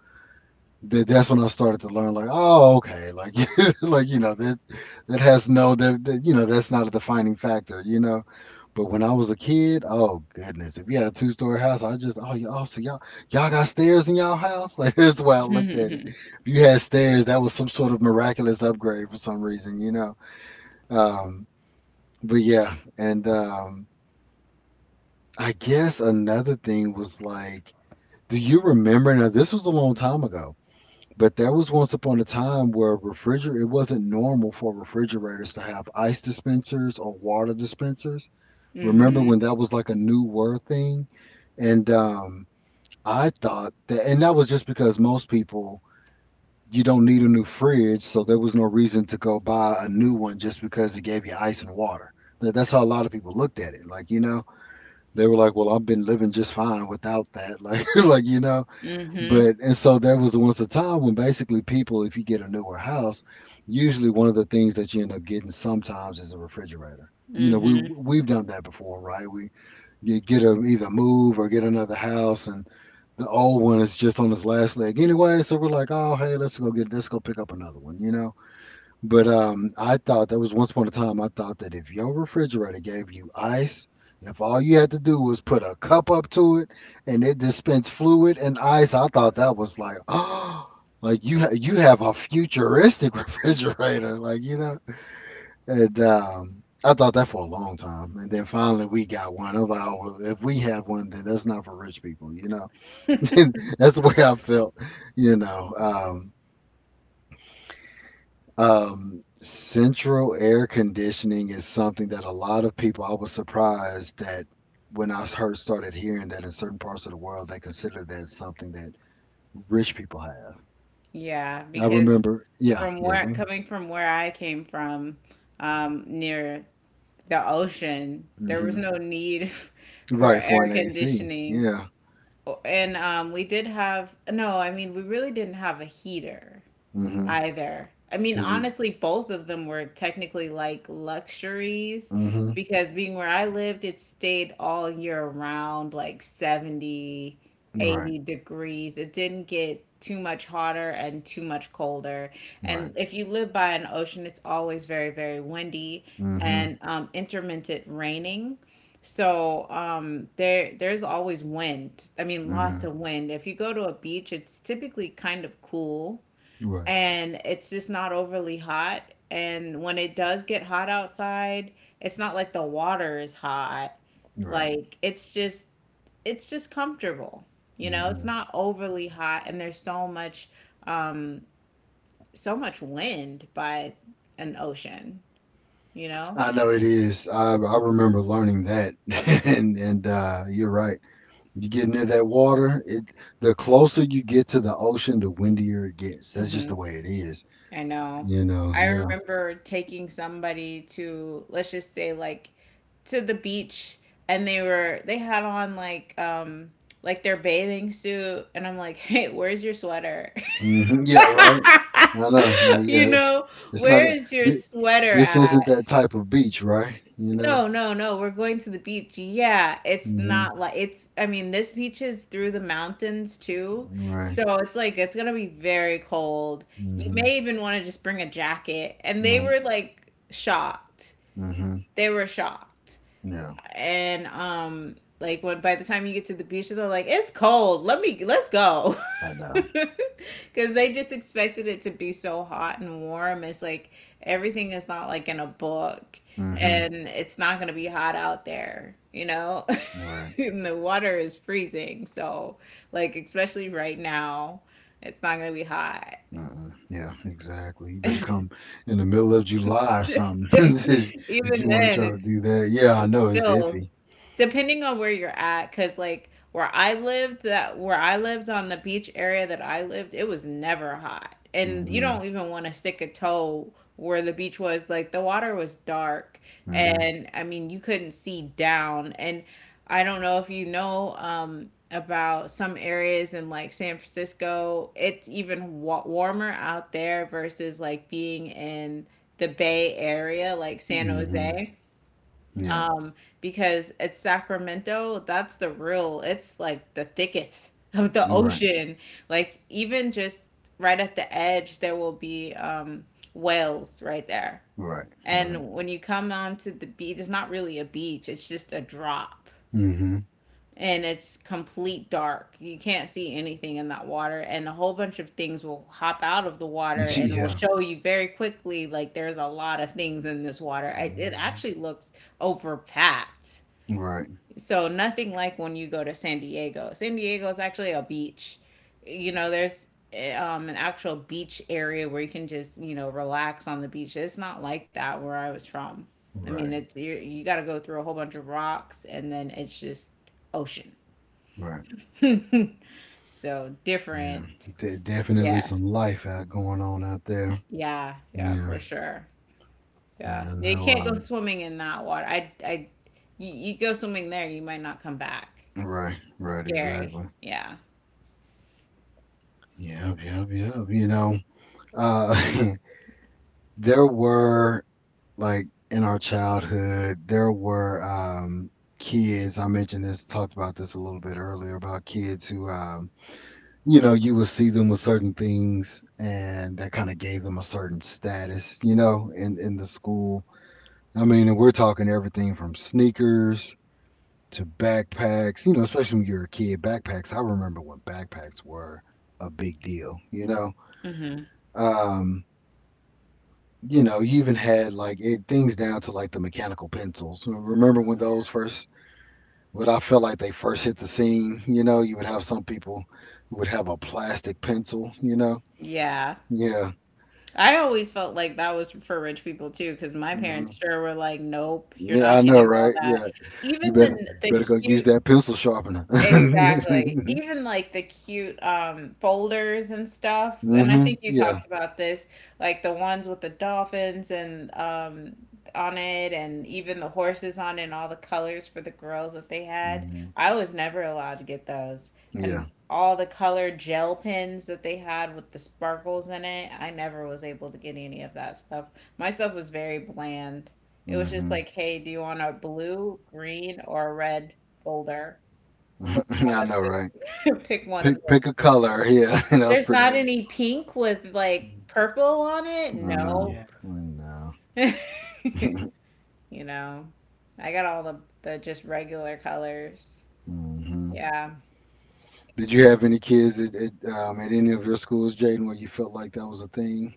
[SPEAKER 1] That's when I started to learn like, oh, okay, like that that has no that, that you know that's not a defining factor, but when I was a kid, oh goodness, if you had a two-story house I just, oh y'all, y'all got stairs in y'all house, like that's the way I looked at it. If you had stairs that was some sort of miraculous upgrade for some reason, um but yeah. And I guess another thing was like, do you remember, now this was a long time ago, but there was once upon a time where refriger it wasn't normal for refrigerators to have ice dispensers or water dispensers. Remember
[SPEAKER 2] Mm-hmm.
[SPEAKER 1] when that was like a new word thing? And I thought that, and that was just because most people, you don't need a new fridge, so there was no reason to go buy a new one just because it gave you ice and water. That's how a lot of people looked at it. Like, they were like, "Well, I've been living just fine without that." Like,
[SPEAKER 2] Mm-hmm.
[SPEAKER 1] but and so there was once a time when basically people, if you get a newer house, usually one of the things that you end up getting sometimes is a refrigerator. You know, we
[SPEAKER 2] Mhm.
[SPEAKER 1] we've done that before, right? We You get a, either move or get another house, and the old one is just on its last leg anyway. So we're like, oh hey, let's go pick up another one, you know. But I thought that was once upon a time. I thought that if your refrigerator gave you ice, if all you had to do was put a cup up to it and it dispensed fluid and ice, I thought that was like, oh, like you have a futuristic refrigerator, like you know. And I thought that for a long time, and then finally we got one. I was like, oh, well, if we have one, then that's not for rich people, you know. that's the way I felt, you know. Um, central air conditioning is something that a lot of people, I was surprised that when I heard started hearing that in certain parts of the world, they consider that something that rich people have.
[SPEAKER 2] Yeah,
[SPEAKER 1] I
[SPEAKER 2] because
[SPEAKER 1] remember, yeah,
[SPEAKER 2] from
[SPEAKER 1] yeah,
[SPEAKER 2] where
[SPEAKER 1] go
[SPEAKER 2] coming from where I came from, near the ocean, there
[SPEAKER 1] ahead.
[SPEAKER 2] was no
[SPEAKER 1] Hmm.
[SPEAKER 2] need for
[SPEAKER 1] Right, for
[SPEAKER 2] air
[SPEAKER 1] an AC,
[SPEAKER 2] conditioning.
[SPEAKER 1] yeah,
[SPEAKER 2] And we did have, no, I mean, we really didn't have a heater
[SPEAKER 1] mm-hmm,
[SPEAKER 2] either. I mean,
[SPEAKER 1] because,
[SPEAKER 2] honestly, both of them were technically like luxuries
[SPEAKER 1] mm-hmm,
[SPEAKER 2] because being where I lived, it stayed all year round, like 70,
[SPEAKER 1] right,
[SPEAKER 2] 80 degrees. It didn't get too much hotter and too much colder. And
[SPEAKER 1] right,
[SPEAKER 2] if you live by an ocean, it's always very, very windy
[SPEAKER 1] mm-hmm,
[SPEAKER 2] and intermittent raining. So there there's always wind. I mean,
[SPEAKER 1] mm-hmm,
[SPEAKER 2] lots of wind. If you go to a beach, it's typically kind of cool
[SPEAKER 1] right,
[SPEAKER 2] and it's just not overly hot. And when it does get hot outside, it's not like the water is hot.
[SPEAKER 1] right,
[SPEAKER 2] Like it's just comfortable. You know, it's
[SPEAKER 1] hmm.
[SPEAKER 2] not overly hot and there's so much um so much wind by an ocean, you know?
[SPEAKER 1] I know it is. I remember learning that, and you're right. You get near that water, it the closer you get to the ocean, the windier it gets. That's just
[SPEAKER 2] Mm-hmm.
[SPEAKER 1] the way it is.
[SPEAKER 2] I know.
[SPEAKER 1] You know,
[SPEAKER 2] I
[SPEAKER 1] yeah.
[SPEAKER 2] remember taking somebody to, let's just say like to the beach and they were they had on like their bathing suit and I'm like, "Hey, where's your sweater?"
[SPEAKER 1] Hmm. Yeah, right. I know. Well,
[SPEAKER 2] You
[SPEAKER 1] yeah,
[SPEAKER 2] know,
[SPEAKER 1] it's not
[SPEAKER 2] where is your
[SPEAKER 1] th-
[SPEAKER 2] sweater
[SPEAKER 1] this
[SPEAKER 2] at?
[SPEAKER 1] isn't that type of beach, right? You know?
[SPEAKER 2] No, no, no. We're going to the beach. Yeah, it's
[SPEAKER 1] Hmm.
[SPEAKER 2] not like it's I mean, this beach is through the mountains too. So
[SPEAKER 1] Right.
[SPEAKER 2] it's like it's gonna be very cold. You
[SPEAKER 1] Hmm.
[SPEAKER 2] may even want to just bring a jacket. And they
[SPEAKER 1] Right.
[SPEAKER 2] were like shocked.
[SPEAKER 1] Hmm.
[SPEAKER 2] They were shocked
[SPEAKER 1] Yeah.
[SPEAKER 2] and like when by the time you get to the beach they're like it's cold let me let's go
[SPEAKER 1] I know.
[SPEAKER 2] because they just expected it to be so hot and warm. It's like everything is not like in a book
[SPEAKER 1] Hmm.
[SPEAKER 2] and it's not going to be hot out there, you know.
[SPEAKER 1] Right.
[SPEAKER 2] and the water is freezing, so like especially right now it's not going to be hot.
[SPEAKER 1] Mm. Yeah, exactly. You better come in the middle of July or something if
[SPEAKER 2] even
[SPEAKER 1] you want to
[SPEAKER 2] then
[SPEAKER 1] try to do that. Yeah, I
[SPEAKER 2] it's
[SPEAKER 1] know it's
[SPEAKER 2] still
[SPEAKER 1] iffy.
[SPEAKER 2] depending on where you're at because like where I lived, that where I lived on the beach area that I lived, it was never hot and you
[SPEAKER 1] Hmm.
[SPEAKER 2] don't even want to stick a toe where the beach was. Like the water was dark
[SPEAKER 1] Hmm.
[SPEAKER 2] and I mean you couldn't see down. And I don't know if you know, about some areas in like San Francisco, it's even wa- warmer out there versus like being in the Bay Area, like San
[SPEAKER 1] Hmm.
[SPEAKER 2] Jose.
[SPEAKER 1] Yeah.
[SPEAKER 2] um because it's Sacramento that's the real it's like the thickest of the
[SPEAKER 1] Right.
[SPEAKER 2] ocean. Like even just right at the edge there will be whales right there.
[SPEAKER 1] Right. Right.
[SPEAKER 2] And when you come onto the beach it's not really a beach, it's just a drop
[SPEAKER 1] Mm-hmm.
[SPEAKER 2] and it's complete dark. You can't see anything in that water and a whole bunch of things will hop out of the water and will
[SPEAKER 1] Yeah.
[SPEAKER 2] show you very quickly like there's a lot of things in this water. It
[SPEAKER 1] Mhm.
[SPEAKER 2] actually looks overpacked,
[SPEAKER 1] Right.
[SPEAKER 2] so nothing like when you go to San Diego. San Diego is actually a beach. You know, there's eh, an actual beach area where you can just you know relax on the beach. It's not like that where I was from. I mean,
[SPEAKER 1] Right.
[SPEAKER 2] it's you you got to go through a whole bunch of rocks and then it's just ocean.
[SPEAKER 1] Right.
[SPEAKER 2] so
[SPEAKER 1] Yeah.
[SPEAKER 2] different.
[SPEAKER 1] Definitely
[SPEAKER 2] Yeah,
[SPEAKER 1] some life out going on out there.
[SPEAKER 2] yeah, yeah,
[SPEAKER 1] Yeah.
[SPEAKER 2] for sure. Yeah,
[SPEAKER 1] Yeah. I
[SPEAKER 2] you
[SPEAKER 1] know.
[SPEAKER 2] can't go swimming in that water. I, you go swimming there, you might not come back.
[SPEAKER 1] Right.
[SPEAKER 2] It's
[SPEAKER 1] Right.
[SPEAKER 2] scary.
[SPEAKER 1] Exactly.
[SPEAKER 2] Yeah.
[SPEAKER 1] Yep. Yep. Yep. You know. Uh. there were like in our childhood, there were kids. I mentioned this. Talked about this a little bit earlier about kids who you would see them with certain things, and that kind of gave them a certain status, you know, in the school. I mean, and we're talking everything from sneakers to backpacks, you know, especially when you're a kid. Backpacks, I remember when backpacks were a big deal, you know.
[SPEAKER 2] Mm-hmm.
[SPEAKER 1] Um, you know, you even had like things down to like the mechanical pencils. Remember when those first, what I felt like they first hit the scene, you know, you would have some people who would have a plastic pencil, you know.
[SPEAKER 2] Yeah.
[SPEAKER 1] Yeah.
[SPEAKER 2] I always felt like that was for rich people too, because my
[SPEAKER 1] Mm-hmm.
[SPEAKER 2] parents sure were like, "Nope, you're
[SPEAKER 1] Yeah,
[SPEAKER 2] not
[SPEAKER 1] I know,
[SPEAKER 2] getting all
[SPEAKER 1] right? Yeah,
[SPEAKER 2] that." Even
[SPEAKER 1] you better
[SPEAKER 2] the
[SPEAKER 1] better go use
[SPEAKER 2] cute
[SPEAKER 1] that pencil sharpener.
[SPEAKER 2] Exactly.
[SPEAKER 1] mhm.
[SPEAKER 2] Even like the cute folders and stuff. And I think you
[SPEAKER 1] Yeah.
[SPEAKER 2] talked about this, like the ones with the dolphins and on it and even the horses on it and all the colors for the girls that they had.
[SPEAKER 1] Hmm.
[SPEAKER 2] I was never allowed to get those.
[SPEAKER 1] Yeah.
[SPEAKER 2] And all the color gel pens that they had with the sparkles in it, I never was able to get any of that stuff. My stuff was very bland. It was just
[SPEAKER 1] Mhm.
[SPEAKER 2] like, hey, do you want a blue, green, or a red folder? Pick one
[SPEAKER 1] I
[SPEAKER 2] of
[SPEAKER 1] know, right?
[SPEAKER 2] the pick one of those.
[SPEAKER 1] Pick a color. Yeah, that was
[SPEAKER 2] There's not
[SPEAKER 1] pretty.
[SPEAKER 2] any pink with like
[SPEAKER 1] Mm.
[SPEAKER 2] purple on it.
[SPEAKER 1] No, no,
[SPEAKER 3] Yeah.
[SPEAKER 2] Nope.
[SPEAKER 1] no.
[SPEAKER 2] You know, I got all the just regular colors.
[SPEAKER 1] hmm.
[SPEAKER 2] Yeah.
[SPEAKER 1] Did you have any kids at, at any of your schools, Jaden, where you felt like that was a thing?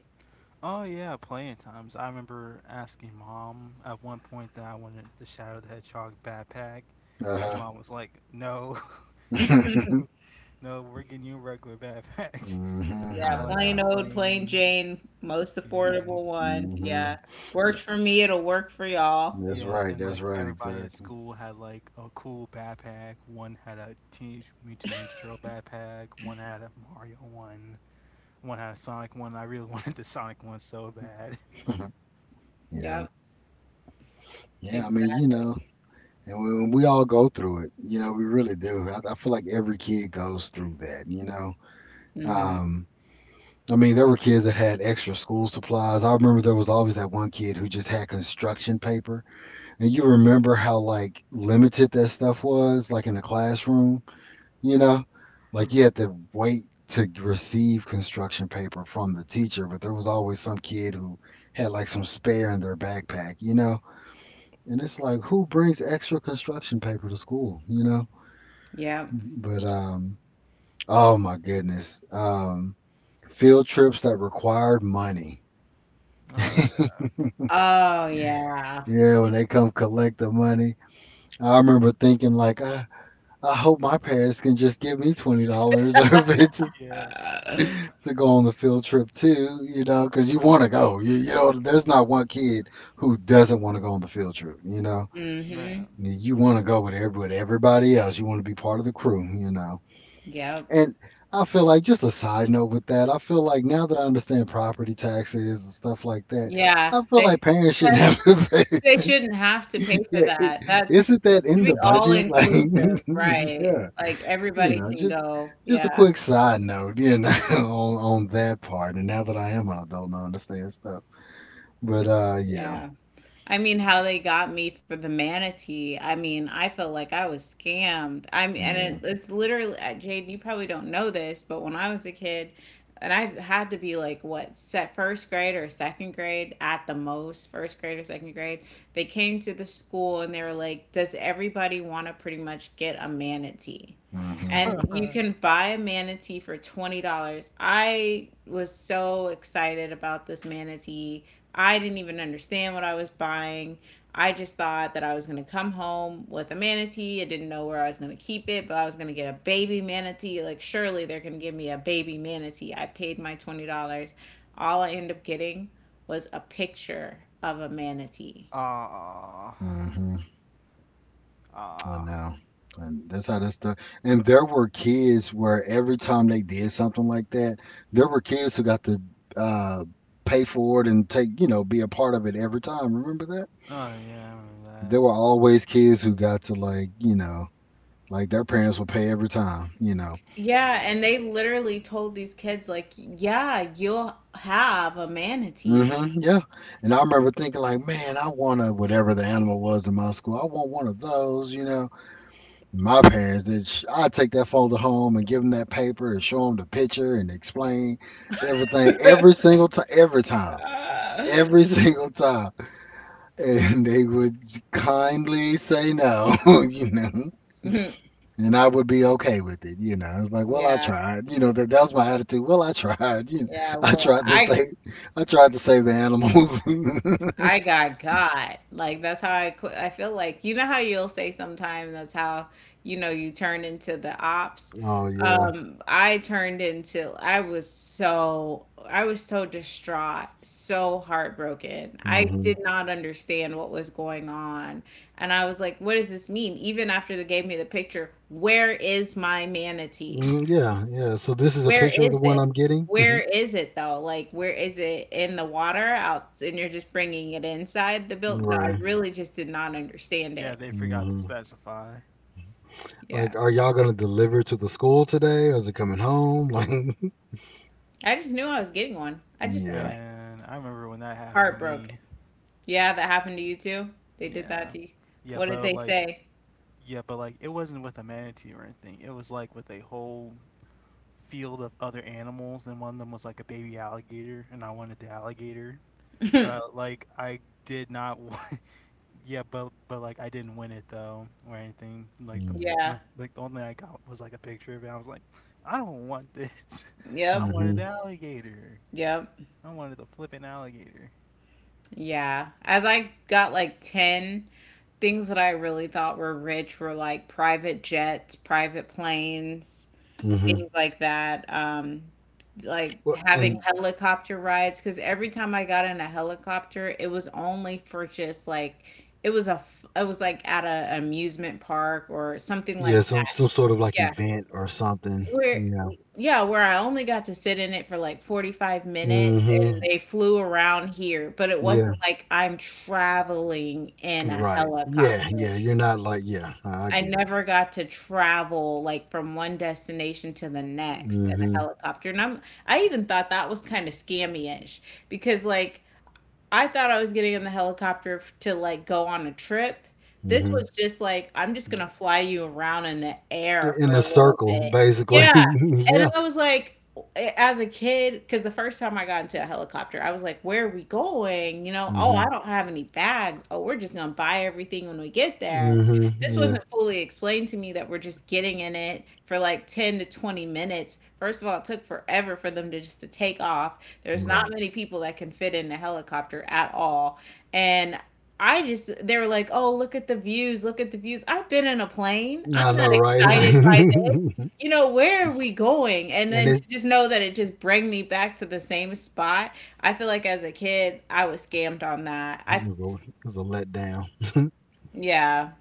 [SPEAKER 3] Oh yeah, plenty of times. I remember asking mom at one point that I wanted the Shadow the Hedgehog backpack,
[SPEAKER 1] Uh
[SPEAKER 3] and
[SPEAKER 1] huh.
[SPEAKER 3] mom was like, "No, no, no, we're getting you a regular backpack."
[SPEAKER 1] hmm.
[SPEAKER 3] And
[SPEAKER 2] Yeah,
[SPEAKER 3] I
[SPEAKER 1] I
[SPEAKER 3] like
[SPEAKER 2] plain
[SPEAKER 1] know.
[SPEAKER 2] old, plain
[SPEAKER 3] complained,
[SPEAKER 2] Jane, most
[SPEAKER 3] yeah, and
[SPEAKER 2] affordable one. Yeah.
[SPEAKER 1] Hmm.
[SPEAKER 2] Works for me, it'll work for y'all.
[SPEAKER 1] That's
[SPEAKER 3] yeah,
[SPEAKER 1] right.
[SPEAKER 3] and
[SPEAKER 1] That's
[SPEAKER 3] like
[SPEAKER 1] right.
[SPEAKER 3] everybody at
[SPEAKER 1] Exactly.
[SPEAKER 3] school had like a cool backpack. One had a Teenage Mutant Ninja Turtle backpack. One had a Mario one. One had a Sonic one. I really wanted the Sonic one so bad.
[SPEAKER 1] yeah.
[SPEAKER 2] Yep,
[SPEAKER 1] Yeah. I mean, you
[SPEAKER 2] exactly.
[SPEAKER 1] know, and when we all go through it, you know, we really do. I feel like every kid goes through that, you know.
[SPEAKER 2] Mm-hmm.
[SPEAKER 1] Um, I mean, there were kids that had extra school supplies. I remember there was always that one kid who just had construction paper. And you remember how like limited that stuff was, like in the classroom, you know? Like you had to wait to receive construction paper from the teacher, but there was always some kid who had like some spare in their backpack, you know? And it's like, who brings extra construction paper to school, you know?
[SPEAKER 2] Yep.
[SPEAKER 1] But oh my goodness, field trips that required money.
[SPEAKER 3] Oh
[SPEAKER 2] Oh yeah.
[SPEAKER 1] Yeah, when they come collect the money, I remember thinking like, I hope my parents can just give me $20 or 50
[SPEAKER 3] yeah, yeah,
[SPEAKER 2] Uh,
[SPEAKER 1] to go on the field trip too. You know, because you want to go. You know, there's not one kid who doesn't want to go on the field trip. You know,
[SPEAKER 2] mm-hmm.
[SPEAKER 3] man.
[SPEAKER 1] you want to go with every with everybody else. You want to be part of the crew. You know,
[SPEAKER 2] Yep.
[SPEAKER 1] and I feel like just a side note with that, I feel like now that I understand property taxes and stuff like that,
[SPEAKER 2] Yeah,
[SPEAKER 1] I feel
[SPEAKER 2] they
[SPEAKER 1] like parents shouldn't
[SPEAKER 2] that's
[SPEAKER 1] have to
[SPEAKER 2] they
[SPEAKER 1] pay.
[SPEAKER 2] shouldn't have to pay for
[SPEAKER 1] Yeah,
[SPEAKER 2] that. That's
[SPEAKER 1] isn't that
[SPEAKER 2] should
[SPEAKER 1] in
[SPEAKER 2] be
[SPEAKER 1] the
[SPEAKER 2] all
[SPEAKER 1] budget? Like,
[SPEAKER 2] inclusive, right?
[SPEAKER 1] yeah,
[SPEAKER 2] Like
[SPEAKER 1] you
[SPEAKER 2] everybody
[SPEAKER 1] know,
[SPEAKER 2] can go.
[SPEAKER 1] just a
[SPEAKER 2] Yeah,
[SPEAKER 1] quick side note, you know, on that part. And now that I am an adult and I understand stuff, but yeah,
[SPEAKER 2] yeah. I mean, how they got me for the manatee. I mean, I felt like I was scammed. I mean, and
[SPEAKER 1] yeah,
[SPEAKER 2] it, it's literally, Jade, you probably don't know this, but when I was a kid, and I had to be like, what, set first grade or second grade at the most, first grade or second grade, they came to the school and they were like, does everybody want to pretty much get a manatee?
[SPEAKER 1] mhm,
[SPEAKER 2] And you
[SPEAKER 3] Ah,
[SPEAKER 2] can buy a manatee for $20. I was so excited about this manatee I didn't even understand what I was buying. I just thought that I was going to come home with a manatee. I didn't know where I was going to keep it, but I was going to get a baby manatee. Like, surely they're going to give me a baby manatee. I paid my $20. All I ended up getting was a picture of a manatee.
[SPEAKER 3] ah,
[SPEAKER 1] mhm. I
[SPEAKER 3] oh
[SPEAKER 1] know. And that's how that stuff. And there were kids where every time they did something like that, there were kids who got to uh, pay for it and take, you know, be a part of it every time. Remember that?
[SPEAKER 3] yeah, I remember that.
[SPEAKER 1] There were always kids who got to like, you know, like their parents would pay every time, you know.
[SPEAKER 2] Yeah, and
[SPEAKER 3] Yeah.
[SPEAKER 2] they literally told these kids, like, yeah, you'll have a manatee.
[SPEAKER 1] Hmm. Yeah. And I remember thinking like, man, I want a whatever the animal was in my school. I want one of those, you know. My parents, I'd take that folder home and give them that paper and show them the picture and explain everything every single time, every single time. And they would kindly say no, you know, and I would be okay with it, you know. It's like, well, I
[SPEAKER 2] yeah,
[SPEAKER 1] tried, you know, that was my attitude. Well, I tried, you know,
[SPEAKER 2] yeah.
[SPEAKER 1] I
[SPEAKER 2] Well,
[SPEAKER 1] tried to
[SPEAKER 2] I
[SPEAKER 1] save, I tried to save the animals.
[SPEAKER 2] I got got. Like that's how I qu- I feel like you know how you'll say sometime that's how you know you turn into the ops.
[SPEAKER 1] oh, yeah.
[SPEAKER 2] Um, I turned into I was so distraught, so heartbroken. I
[SPEAKER 1] Hmm.
[SPEAKER 2] did not understand what was going on. And I was like, what does this mean? Even after they gave me the picture, where is my manatee?
[SPEAKER 1] Mm, yeah, yeah. So this is a
[SPEAKER 2] Where
[SPEAKER 1] picture of the
[SPEAKER 2] is
[SPEAKER 1] one
[SPEAKER 2] it?
[SPEAKER 1] I'm getting.
[SPEAKER 2] Where is it though? Like, where is it in the water out, and you're just bringing it inside the build? No, I
[SPEAKER 1] Right.
[SPEAKER 2] really just did not understand
[SPEAKER 3] Yeah,
[SPEAKER 2] it.
[SPEAKER 3] they forgot to
[SPEAKER 1] Hmm.
[SPEAKER 3] specify.
[SPEAKER 1] Like,
[SPEAKER 2] Yeah,
[SPEAKER 1] are y'all gonna deliver to the school today, or is it coming home? Like,
[SPEAKER 2] I just knew I was getting one. I just knew
[SPEAKER 1] yeah,
[SPEAKER 2] it.
[SPEAKER 3] Man, I remember when that happened to
[SPEAKER 2] Heartbroken.
[SPEAKER 3] me.
[SPEAKER 2] Yeah, that happened to you too. They did that
[SPEAKER 3] Yeah.
[SPEAKER 2] to you.
[SPEAKER 3] Yeah,
[SPEAKER 2] What did
[SPEAKER 3] but
[SPEAKER 2] they
[SPEAKER 3] like
[SPEAKER 2] say?
[SPEAKER 3] yeah, but like it wasn't with a manatee or anything. It was like with a whole field of other animals, and one of them was like a baby alligator, and I wanted the alligator. But like I did not want. Yeah, but like I didn't win it though or anything.
[SPEAKER 1] mm.
[SPEAKER 2] Yeah.
[SPEAKER 3] Like the only thing I got was like a picture of it. I was like, I don't want this. I
[SPEAKER 2] Yep.
[SPEAKER 3] wanted the
[SPEAKER 1] Mhm,
[SPEAKER 3] alligator.
[SPEAKER 2] Yep.
[SPEAKER 3] I wanted the flipping alligator.
[SPEAKER 2] Yeah. As I got like 10 things that I really thought were rich were like private jets, private planes,
[SPEAKER 1] mhm.
[SPEAKER 2] things like that. Like
[SPEAKER 1] Well,
[SPEAKER 2] having
[SPEAKER 1] and
[SPEAKER 2] helicopter rides because every time I got in a helicopter, it was only for just like it was like at a amusement park or something like
[SPEAKER 1] yeah,
[SPEAKER 2] that.
[SPEAKER 1] some sort of like
[SPEAKER 2] Yeah,
[SPEAKER 1] event or something.
[SPEAKER 2] where
[SPEAKER 1] Yeah,
[SPEAKER 2] yeah where I only got to sit in it for like 45 minutes and
[SPEAKER 1] mhm,
[SPEAKER 2] they flew around here, but it
[SPEAKER 1] yeah,
[SPEAKER 2] wasn't like I'm traveling in a
[SPEAKER 1] right. Yeah,
[SPEAKER 2] helicopter.
[SPEAKER 1] yeah. You're not like, yeah, I
[SPEAKER 2] I
[SPEAKER 1] get it.
[SPEAKER 2] never got to travel like from one destination to the next in a
[SPEAKER 1] Mhm,
[SPEAKER 2] helicopter. And I even thought that was kind of scammy-ish because like I thought I was getting in the helicopter to like go on a trip. This
[SPEAKER 1] mhm.
[SPEAKER 2] was just like, I'm just gonna fly you around in the air for
[SPEAKER 1] In a
[SPEAKER 2] a little
[SPEAKER 1] circle,
[SPEAKER 2] bit.
[SPEAKER 1] basically.
[SPEAKER 2] Yeah. And
[SPEAKER 1] yeah.
[SPEAKER 2] I was like, as a kid, because the first time I got into a helicopter, I was like, where are we going? You know, oh, I
[SPEAKER 1] Mhm,
[SPEAKER 2] don't have any bags. Oh, we're just gonna buy everything when we get there.
[SPEAKER 1] mhm.
[SPEAKER 2] This
[SPEAKER 1] Yeah.
[SPEAKER 2] wasn't fully explained to me that we're just getting in it for like 10 to 20 minutes. First of all, it took forever for them to just to take off. There's not
[SPEAKER 1] Right.
[SPEAKER 2] many people that can fit in a helicopter at all. And I just, they were like, oh, look at the views, look at the views. I've been in a plane.
[SPEAKER 1] I
[SPEAKER 2] I'm not
[SPEAKER 1] know, right? Like,
[SPEAKER 2] excited by this.
[SPEAKER 1] and
[SPEAKER 2] You know, where are we going? And then to
[SPEAKER 1] it
[SPEAKER 2] just know that it just bring me back to the same spot. I feel like as a kid, I was scammed on that. I,
[SPEAKER 1] it was a letdown.
[SPEAKER 2] yeah.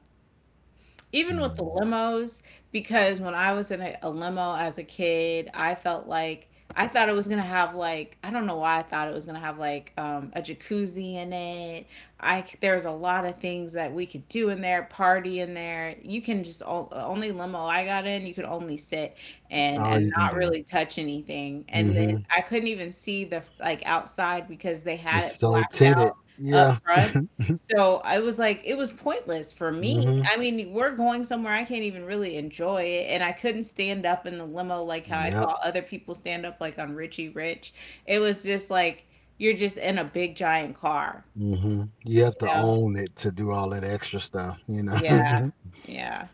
[SPEAKER 2] Even with the
[SPEAKER 1] Mm.
[SPEAKER 2] limos, because when I was in a limo as a kid, I felt like I thought it was gonna have like I don't know why I thought it was gonna have like a jacuzzi in it. There's a lot of things that we could do in there, party in there. You can just all, only limo I got in, you could only sit and
[SPEAKER 1] All
[SPEAKER 2] and
[SPEAKER 1] you can
[SPEAKER 2] not
[SPEAKER 1] do.
[SPEAKER 2] really touch anything. And
[SPEAKER 1] Mm-hmm.
[SPEAKER 2] then I couldn't even see the like outside because they had
[SPEAKER 1] It's
[SPEAKER 2] it
[SPEAKER 1] so
[SPEAKER 2] blacked
[SPEAKER 1] tinted.
[SPEAKER 2] out up
[SPEAKER 1] Yeah.
[SPEAKER 2] front so I was like, it was pointless for me.
[SPEAKER 1] Hmm.
[SPEAKER 2] I mean, we're going somewhere I can't even really enjoy it. And I couldn't stand up in the limo like how I
[SPEAKER 1] Yep.
[SPEAKER 2] saw other people stand up, like on Richie Rich. It was just like, you're just in a big giant car,
[SPEAKER 1] Hmm. You
[SPEAKER 2] you
[SPEAKER 1] have to
[SPEAKER 2] know?
[SPEAKER 1] own it to do all that extra stuff, you know.
[SPEAKER 2] Yeah. Yeah.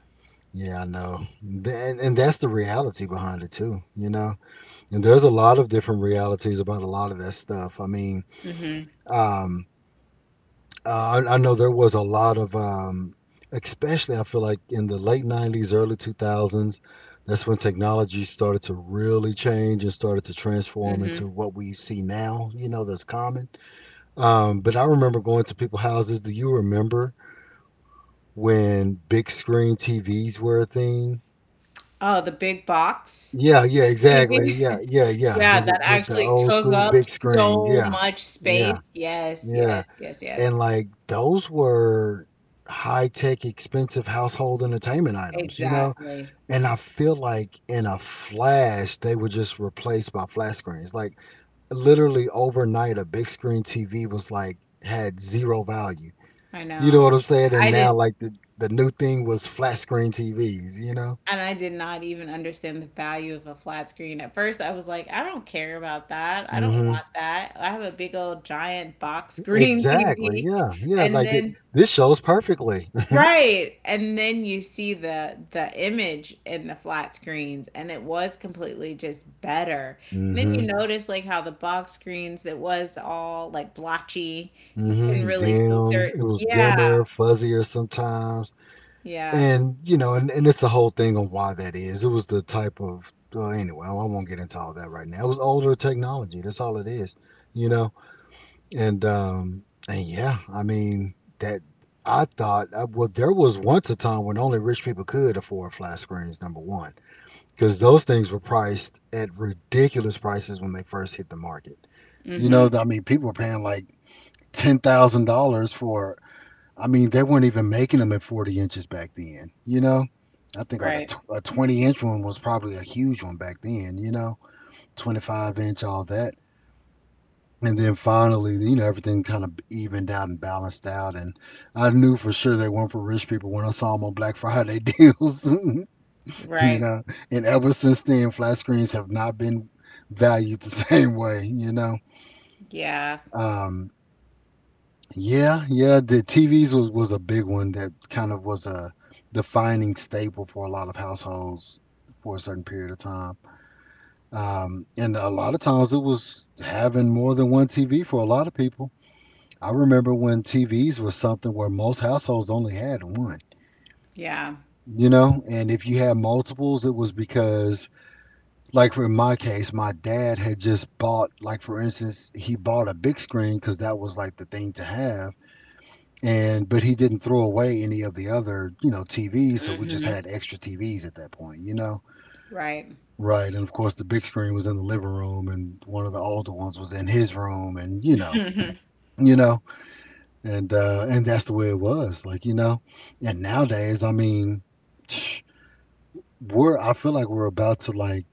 [SPEAKER 1] yeah, I know. And that's the reality behind it too, you know. And there's a lot of different realities about a lot of that stuff. I mean,
[SPEAKER 2] Mm
[SPEAKER 1] um, I know there was a lot of, especially I feel like in the late '90s, early 2000s, that's when technology started to really change and started to
[SPEAKER 2] hmm. Mm
[SPEAKER 1] transform
[SPEAKER 2] hmm.
[SPEAKER 1] into what we see now, you know, that's common. But I remember going to people's houses. Do you remember when big screen TVs were a thing?
[SPEAKER 2] Oh, the big box
[SPEAKER 1] Yeah, yeah, exactly. Yeah,
[SPEAKER 2] TV.
[SPEAKER 1] yeah, yeah.
[SPEAKER 2] Yeah,
[SPEAKER 1] The the,
[SPEAKER 2] that
[SPEAKER 1] the the
[SPEAKER 2] actually
[SPEAKER 1] old
[SPEAKER 2] took
[SPEAKER 1] school
[SPEAKER 2] up
[SPEAKER 1] big screen.
[SPEAKER 2] so
[SPEAKER 1] Yeah,
[SPEAKER 2] much
[SPEAKER 1] yeah,
[SPEAKER 2] space. Yes,
[SPEAKER 1] yeah.
[SPEAKER 2] yes, yes, yes.
[SPEAKER 1] And like those were high tech, expensive household entertainment items, you know.
[SPEAKER 2] Exactly.
[SPEAKER 1] And I feel like in a flash, they were just replaced by flat screens. Like literally overnight, a big screen TV was had zero value.
[SPEAKER 2] I
[SPEAKER 1] You know
[SPEAKER 2] know.
[SPEAKER 1] what I'm saying? And
[SPEAKER 2] I
[SPEAKER 1] now,
[SPEAKER 2] didn't
[SPEAKER 1] like the new thing was flat screen TVs. You know.
[SPEAKER 2] I did not even understand the value of a flat screen. At first, I was like, I don't care about that. I don't
[SPEAKER 1] Hmm.
[SPEAKER 2] want that. I have a big old giant box screen
[SPEAKER 1] Exactly.
[SPEAKER 2] TV.
[SPEAKER 1] Yeah. Yeah.
[SPEAKER 2] And
[SPEAKER 1] Like
[SPEAKER 2] then
[SPEAKER 1] this shows perfectly.
[SPEAKER 2] right, and then you see the image in the flat screens and it was completely just better. And then you
[SPEAKER 1] hmm.
[SPEAKER 2] notice like how the box screens it was all like blotchy. You couldn't
[SPEAKER 1] Hmm.
[SPEAKER 2] really see
[SPEAKER 1] Dim.
[SPEAKER 2] certain.
[SPEAKER 1] It was
[SPEAKER 2] Yeah.
[SPEAKER 1] dimmer, fuzzier sometimes,
[SPEAKER 2] Yeah.
[SPEAKER 1] and you know, and it's a whole thing on why that is. It was the type of. Well, anyway, I won't get into all that right now. It was older technology. That's all it is. You know. And yeah, I mean, that I thought, well, there was once a time when only rich people could afford flat screens, number one, because those things were priced at ridiculous prices when they first hit the market. You know,
[SPEAKER 2] Mhm.
[SPEAKER 1] I mean, people were paying like $10,000 for, I mean, they weren't even making them at 40 inches back then, you know? I think like a,
[SPEAKER 2] Right.
[SPEAKER 1] tw- a 20 inch one was probably a huge one back then, you know, 25-inch, all that. And then finally, you know, everything kind of evened out and balanced out. And I knew for sure they weren't for rich people when I saw them on Black Friday deals, you
[SPEAKER 2] Right.
[SPEAKER 1] know. And ever since then, flat screens have not been valued the same way.
[SPEAKER 2] Yeah.
[SPEAKER 1] Um, yeah, yeah, the TVs was a big one that kind of was a defining staple for a lot of households for a certain period of time. And a lot of times it was having more than one TV for a lot of people. I remember when TVs was something where most households only had one,
[SPEAKER 2] Yeah.
[SPEAKER 1] you know, and if you had multiples, it was because, like for my case, my dad had just bought, like for instance, he bought a big screen because that was like the thing to have, and but he didn't throw away any of the other, you know, TVs, so we just
[SPEAKER 2] Mhm.
[SPEAKER 1] had extra TVs at that point, you know.
[SPEAKER 2] Right.
[SPEAKER 1] Right, and of course the big screen was in the living room, and one of the older ones was in his room, and you know, and that's the way it was, like, you know. And nowadays, I mean, we're I feel like we're about to like,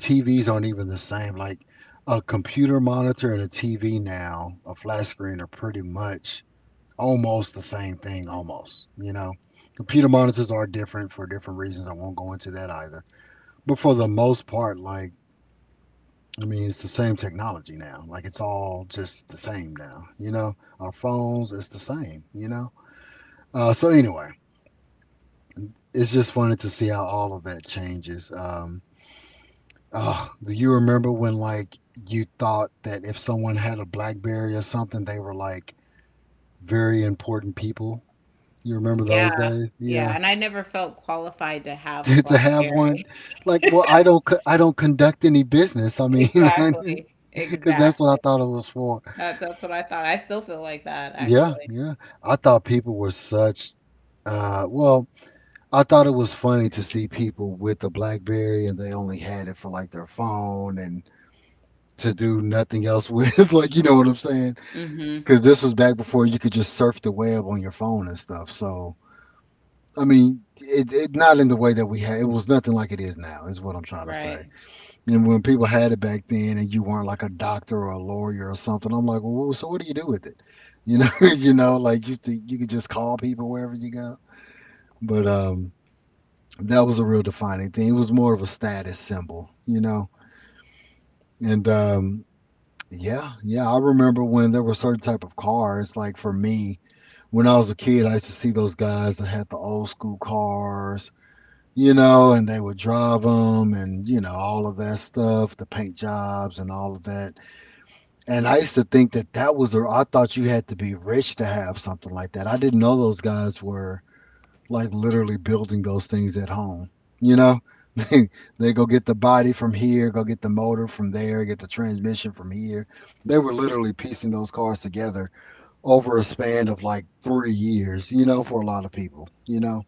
[SPEAKER 1] TVs aren't even the same. Like a computer monitor and a TV now, a flat screen, are pretty much almost the same thing, almost, you know. Computer monitors are different for different reasons, I won't go into that either, but for the most part, like, I mean, it's the same technology now, like it's all just the same now, you know. Our phones, it's the same, you know. So anyway, it's just wanted to see how all of that changes. Oh, do you remember when like you thought that if someone had a BlackBerry or something, they were like very important people? You remember those
[SPEAKER 2] Yeah.
[SPEAKER 1] days? Yeah.
[SPEAKER 2] Yeah. And I never felt qualified to have a
[SPEAKER 1] To have one,
[SPEAKER 2] BlackBerry.
[SPEAKER 1] like, well, I don't conduct any business. I mean,
[SPEAKER 2] Exactly.
[SPEAKER 1] because that's what I
[SPEAKER 2] Exactly.
[SPEAKER 1] thought it was for.
[SPEAKER 2] That's what I thought. I still feel like that,
[SPEAKER 1] Yeah,
[SPEAKER 2] actually.
[SPEAKER 1] yeah. I thought people were such. Well, I thought it was funny to see people with the BlackBerry and they only had it for like their phone and to do nothing else with. Like, you know what I'm saying?
[SPEAKER 2] Hmm.
[SPEAKER 1] Because this was back before you could just surf the web on your phone and stuff. So, I mean, it not in the way that we had. It was nothing like it is now. Is what I'm trying to say.
[SPEAKER 2] Right.
[SPEAKER 1] And when people had it back then, and you weren't like a doctor or a lawyer or something, I'm like, well, so what do you do with it? You know, you know, like you could just call people wherever you go. But that was a real defining thing. It was more of a status symbol, you know. And yeah, yeah. I remember when there were certain type of cars. Like for me, when I was a kid, I used to see those guys that had the old school cars, you know, and they would drive them, and you know all of that stuff, the paint jobs and all of that. And I used to think that that was. I thought you had to be rich to have something like that. I didn't know those guys were like literally building those things at home. You know, they, they go get the body from here, go get the motor from there, get the transmission from here. They were literally piecing those cars together over a span of like 3 years, you know, for a lot of people, you know?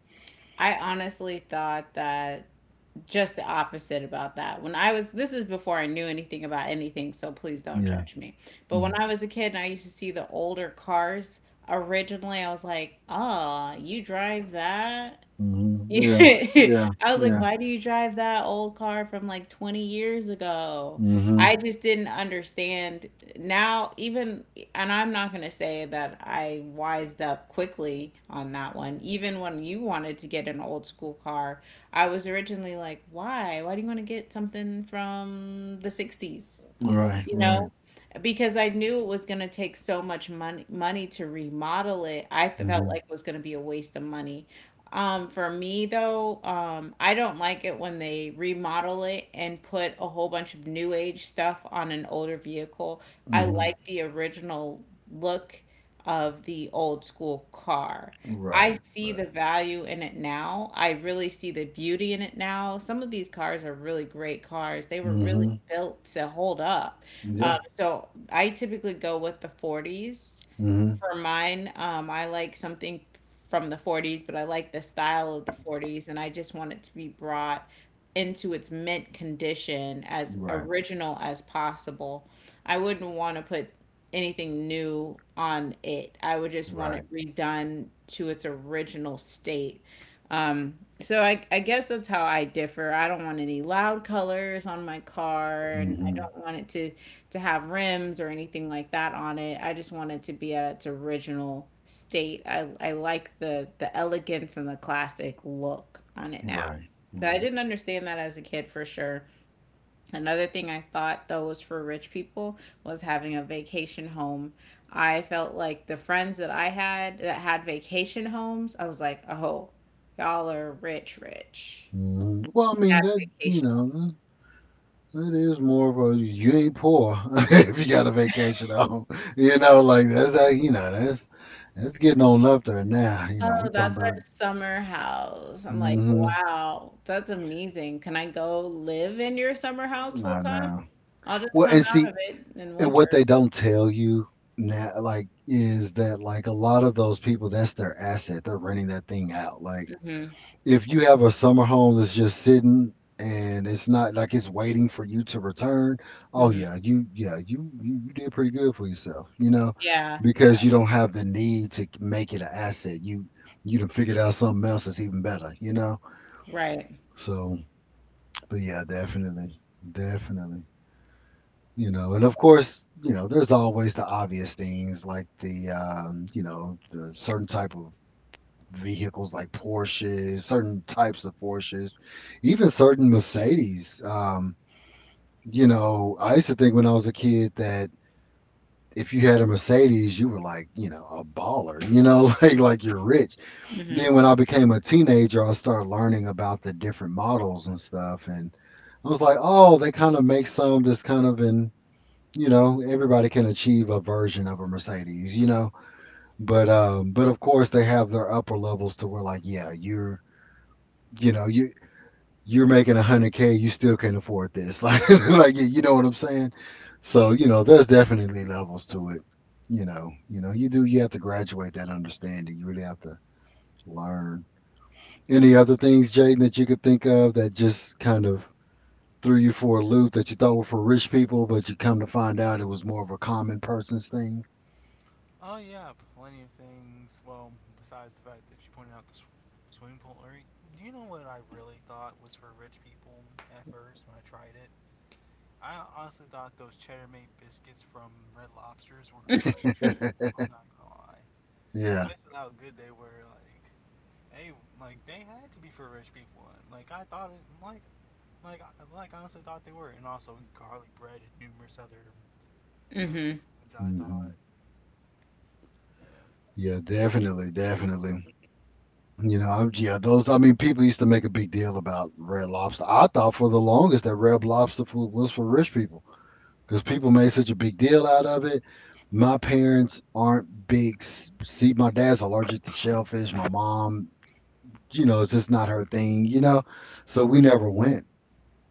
[SPEAKER 2] I honestly thought that just the opposite about that. When I was, this is before I knew anything about anything, so please don't
[SPEAKER 1] Yeah.
[SPEAKER 2] judge me. But when I was a kid and I used to see the older cars, originally I was like, oh, you drive that?
[SPEAKER 1] Mm-hmm. Yeah. Yeah.
[SPEAKER 2] I was like,
[SPEAKER 1] Yeah.
[SPEAKER 2] why do you drive that old car from like 20 years ago?
[SPEAKER 1] Hmm.
[SPEAKER 2] I just didn't understand. Now, even, and I'm not going to say that I wised up quickly on that one. Even when you wanted to get an old school car, I was originally like, why? Why do you want to get something from the '60s?
[SPEAKER 1] Right.
[SPEAKER 2] You
[SPEAKER 1] Right.
[SPEAKER 2] know? Because I knew it was going to take so much money to remodel it. Felt
[SPEAKER 1] Hmm.
[SPEAKER 2] like it was going to be a waste of money. For me though, I don't like it when they remodel it and put a whole bunch of new age stuff on an older vehicle. I
[SPEAKER 1] Hmm.
[SPEAKER 2] like the original look of the old school car. I
[SPEAKER 1] Right.
[SPEAKER 2] see the
[SPEAKER 1] Right.
[SPEAKER 2] value in it now. I really see the beauty in it now. Some of these cars are really great cars. They were really
[SPEAKER 1] Hmm.
[SPEAKER 2] built to hold up.
[SPEAKER 1] Yeah.
[SPEAKER 2] So I typically go with the '40s
[SPEAKER 1] Hmm.
[SPEAKER 2] for mine. I like something from the '40s, but I like the style of the '40s, and I just want it to be brought into its mint condition as
[SPEAKER 1] Right.
[SPEAKER 2] original as possible. I wouldn't want to put anything new on it. I would just want
[SPEAKER 1] Right.
[SPEAKER 2] it redone to its original state. So I guess that's how I differ. I don't want any loud colors on my car, and I
[SPEAKER 1] Hmm.
[SPEAKER 2] don't want it to have rims or anything like that on it. I just want it to be at its original state. I like the elegance and the classic look on it now.
[SPEAKER 1] Right.
[SPEAKER 2] But I
[SPEAKER 1] Right.
[SPEAKER 2] didn't understand that as a kid for sure. Another thing I thought though was for rich people was having a vacation home. I felt like the friends that I had that had vacation homes, I was like, oh, y'all are rich, rich.
[SPEAKER 1] Mhm. Well, I
[SPEAKER 2] They had
[SPEAKER 1] mean, that, you
[SPEAKER 2] vacation.
[SPEAKER 1] know, that is more of a, you ain't poor if you got a vacation home, you know, like, that's how you know, that's getting on up there now, you know, we're
[SPEAKER 2] Oh,
[SPEAKER 1] talking
[SPEAKER 2] that's
[SPEAKER 1] about.
[SPEAKER 2] our summer house. I'm like,
[SPEAKER 1] Mhm.
[SPEAKER 2] wow, that's amazing. Can I go live in your summer house full
[SPEAKER 1] I
[SPEAKER 2] time?
[SPEAKER 1] know.
[SPEAKER 2] I'll just
[SPEAKER 1] Well,
[SPEAKER 2] come
[SPEAKER 1] and
[SPEAKER 2] out
[SPEAKER 1] see
[SPEAKER 2] of it in
[SPEAKER 1] and what
[SPEAKER 2] winter.
[SPEAKER 1] they don't tell you now, like, is that, like, a lot of those people, that's their asset, they're renting that thing out, like
[SPEAKER 2] Hmm.
[SPEAKER 1] if you have a summer home that's just sitting and it's not like it's waiting for you to return, oh
[SPEAKER 2] Hmm.
[SPEAKER 1] yeah, you did pretty good for yourself, you know,
[SPEAKER 2] Yeah, yeah,
[SPEAKER 1] because you don't have the need to make it an asset. You done figured out something else that's even better, you know?
[SPEAKER 2] right.
[SPEAKER 1] So but yeah, definitely. Definitely. You know, and of course, you know, there's always the obvious things like the you know, the certain type of vehicles like Porsches, certain types of Porsches, even certain Mercedes. You know, I used to think when I was a kid that if you had a Mercedes, you were like, you know, a baller, you know, like you're rich.
[SPEAKER 2] Hmm.
[SPEAKER 1] Then when I became a teenager, I started learning about the different models and stuff, and I was like, "Oh, they kind of make some that's kind of in, you know, everybody can achieve a version of a Mercedes, you know." But of course they have their upper levels to where like, yeah, you're you know, you you're making 100K, you still can't afford this. Like you know what I'm saying? So, you know, there's definitely levels to it. You know, you know, you do you have to graduate that understanding. You really have to learn. Any other things, Jaden, that you could think of that just kind of threw you for a loop that you thought were for rich people, but you come to find out it was more of a common person's thing?
[SPEAKER 3] Oh yeah, plenty of things. Well, besides the fact that you pointed out the swimming pool area, do you know what I really thought was for rich people at first when I tried it? I honestly thought those cheddar made biscuits from Red Lobsters were for rich people. I'm not gonna lie,
[SPEAKER 1] Yeah.
[SPEAKER 3] especially with how good they were. They, like they had to be for rich people. And, like I thought it, like I honestly thought they were, and also garlic bread and numerous other their
[SPEAKER 2] Hmm.
[SPEAKER 3] foods. I thought,
[SPEAKER 1] Hmm.
[SPEAKER 3] yeah,
[SPEAKER 1] Yeah, definitely, definitely. You know, I, yeah, those. I mean, people used to make a big deal about Red Lobster. I thought for the longest that Red Lobster food was for rich people because people made such a big deal out of it. My
[SPEAKER 3] yeah.
[SPEAKER 1] parents aren't big. See, my dad's allergic to shellfish. My mom, you know, it's just not her thing. You know, so we never went.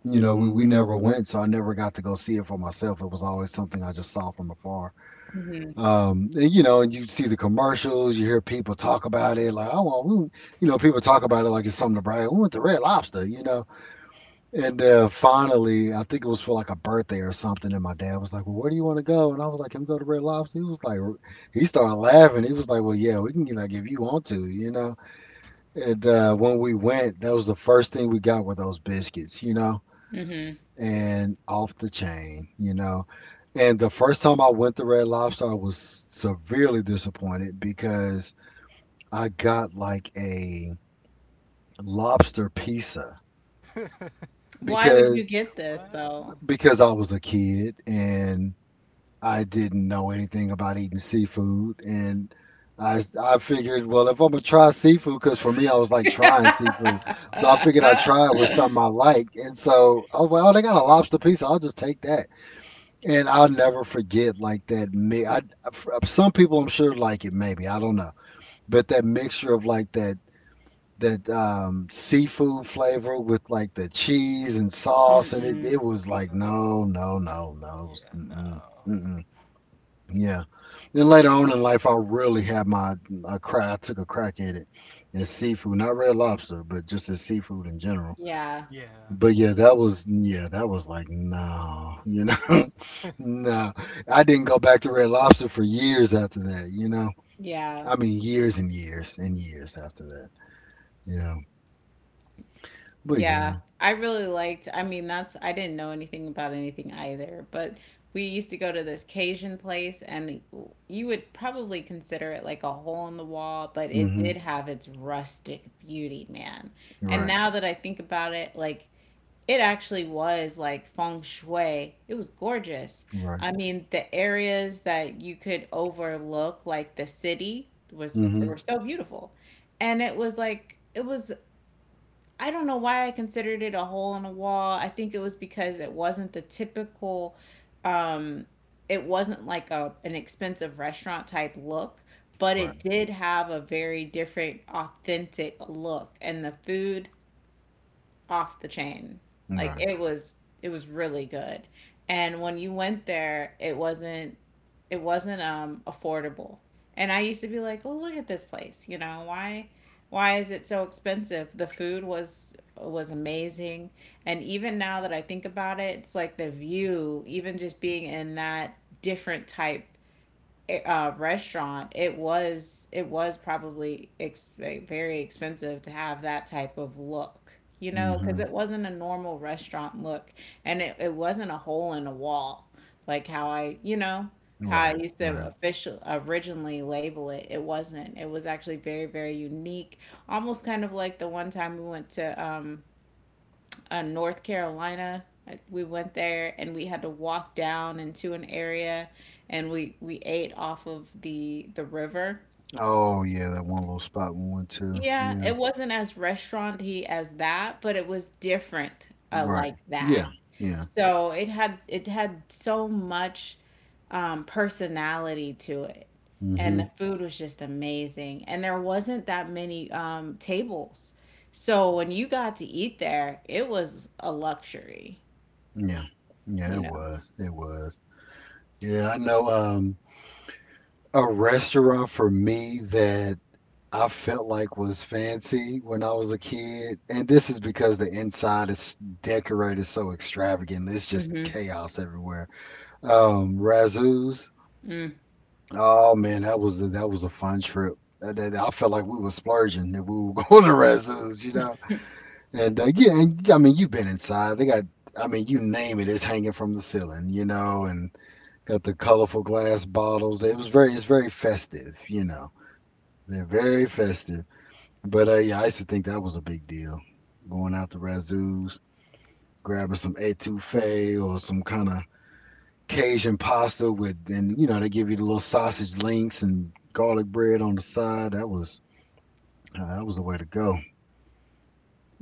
[SPEAKER 1] You know, we
[SPEAKER 3] Mm,
[SPEAKER 1] we never
[SPEAKER 3] okay.
[SPEAKER 1] went, so I never got to go see it for myself. It was always something I just saw from afar.
[SPEAKER 2] Hmm.
[SPEAKER 1] And, you know, and you see the commercials, you hear people talk about it, like, oh, well, we, you know, people talk about it like it's something to brag. We went to Red Lobster, you know. And finally, I think it was for like a birthday or something, and my dad was like, well, where do you want to go? And I was like, can we go to Red Lobster? He was like, he started laughing. He was like, well, yeah, we can, like, if you want to, you know. And when we went, that was the first thing we got were those biscuits, you know,
[SPEAKER 2] Hmm.
[SPEAKER 1] and off the chain, you know. And the first time I went to Red Lobster, I was severely disappointed because I got like a lobster pizza
[SPEAKER 3] After
[SPEAKER 2] Why would
[SPEAKER 1] because
[SPEAKER 2] you get this
[SPEAKER 3] what?
[SPEAKER 2] though?
[SPEAKER 1] I was a kid and I didn't know anything about eating seafood, and I figured well if I'm gonna try seafood, because for me I was like trying seafood,
[SPEAKER 3] Uh,
[SPEAKER 1] so I figured I tried with something I liked, and so I was like oh they got a lobster pizza I'll just take that. And I'll never forget like that mi I f some people I'm sure like it maybe, I don't know. But that mixture of like that seafood flavor with like the cheese and sauce, and it
[SPEAKER 2] Mm-mm.
[SPEAKER 1] it was like,
[SPEAKER 3] uh,
[SPEAKER 1] "No, no, no, no,
[SPEAKER 3] yeah, no.
[SPEAKER 1] mm-mm, mm-mm." Yeah. Then later on in life, I really had my a crack I took a crack at it, as seafood, not Red Lobster, but just as seafood in general.
[SPEAKER 2] Yeah,
[SPEAKER 3] Yeah,
[SPEAKER 1] But yeah, that was like no, you know, no. I didn't go back to Red Lobster for years after that, you know.
[SPEAKER 2] yeah.
[SPEAKER 1] I mean, years and years and years after that, you know. But yeah,
[SPEAKER 2] Yeah, I really liked. I mean, that's I didn't know anything about anything either, but we used to go to this Cajun place, and you would probably consider it like a hole in the wall, but it
[SPEAKER 1] mhm,
[SPEAKER 2] did have its rustic beauty, man. And
[SPEAKER 1] right,
[SPEAKER 2] now that I think about it, like it actually was like feng shui. It was gorgeous.
[SPEAKER 1] right,
[SPEAKER 2] I mean, the areas that you could overlook, like the city, was
[SPEAKER 1] mhm,
[SPEAKER 2] were so beautiful and it was I don't know why I considered it a hole in a wall. I think it was because it wasn't the typical um it wasn't like a an expensive restaurant type look, but
[SPEAKER 1] right,
[SPEAKER 2] it did have a very different authentic look and the food off the chain. Like
[SPEAKER 1] right,
[SPEAKER 2] it was really good. And when you went there, it wasn't affordable. And I used to be like, "Oh, look at this place. You know, why is it so expensive?" The food was amazing. And even now that I think about it, it's like the view, even just being in that different type restaurant, it was probably very expensive to have that type of look, you know, because
[SPEAKER 1] mhm,
[SPEAKER 2] it wasn't a normal restaurant look, and it wasn't a hole in a wall like how I
[SPEAKER 1] right,
[SPEAKER 2] used to
[SPEAKER 1] right.
[SPEAKER 2] official originally label it. It wasn't. It was actually very unique, almost kind of like the one time we went to North Carolina. We went there and we had to walk down into an area and we ate off of the river.
[SPEAKER 1] Oh yeah, that one little spot we went to,
[SPEAKER 2] Yeah,
[SPEAKER 1] yeah,
[SPEAKER 2] it wasn't as restauranty as that, but it was different
[SPEAKER 1] right,
[SPEAKER 2] like that.
[SPEAKER 1] yeah, yeah,
[SPEAKER 2] So it had so much personality to it, and
[SPEAKER 1] mhm,
[SPEAKER 2] the food was just amazing. And there wasn't that many tables, so when you got to eat there, it was a luxury,
[SPEAKER 1] yeah, yeah.
[SPEAKER 2] you
[SPEAKER 1] It
[SPEAKER 2] know.
[SPEAKER 1] was, it was. Yeah, I know. A restaurant for me that I felt like was fancy when I was a kid, and this is because the inside is decorated so extravagant. It's just
[SPEAKER 2] Mm-hmm.
[SPEAKER 1] chaos everywhere. Razoo's.
[SPEAKER 2] Mm.
[SPEAKER 1] Oh man, that was a fun trip. I felt like we were splurging if we were going to Razoo's, you know. And yeah, and, I mean, you've been inside. They got, I mean, you name it, it's hanging from the ceiling, you know, and got the colorful glass bottles. It was very, it's very festive, you know. They're very festive. But yeah, I used to think that was a big deal. Going out to Razoo's, grabbing some etouffee or some kind of Cajun pasta with, and you know, they give you the little sausage links and garlic bread on the side. That was the way to go.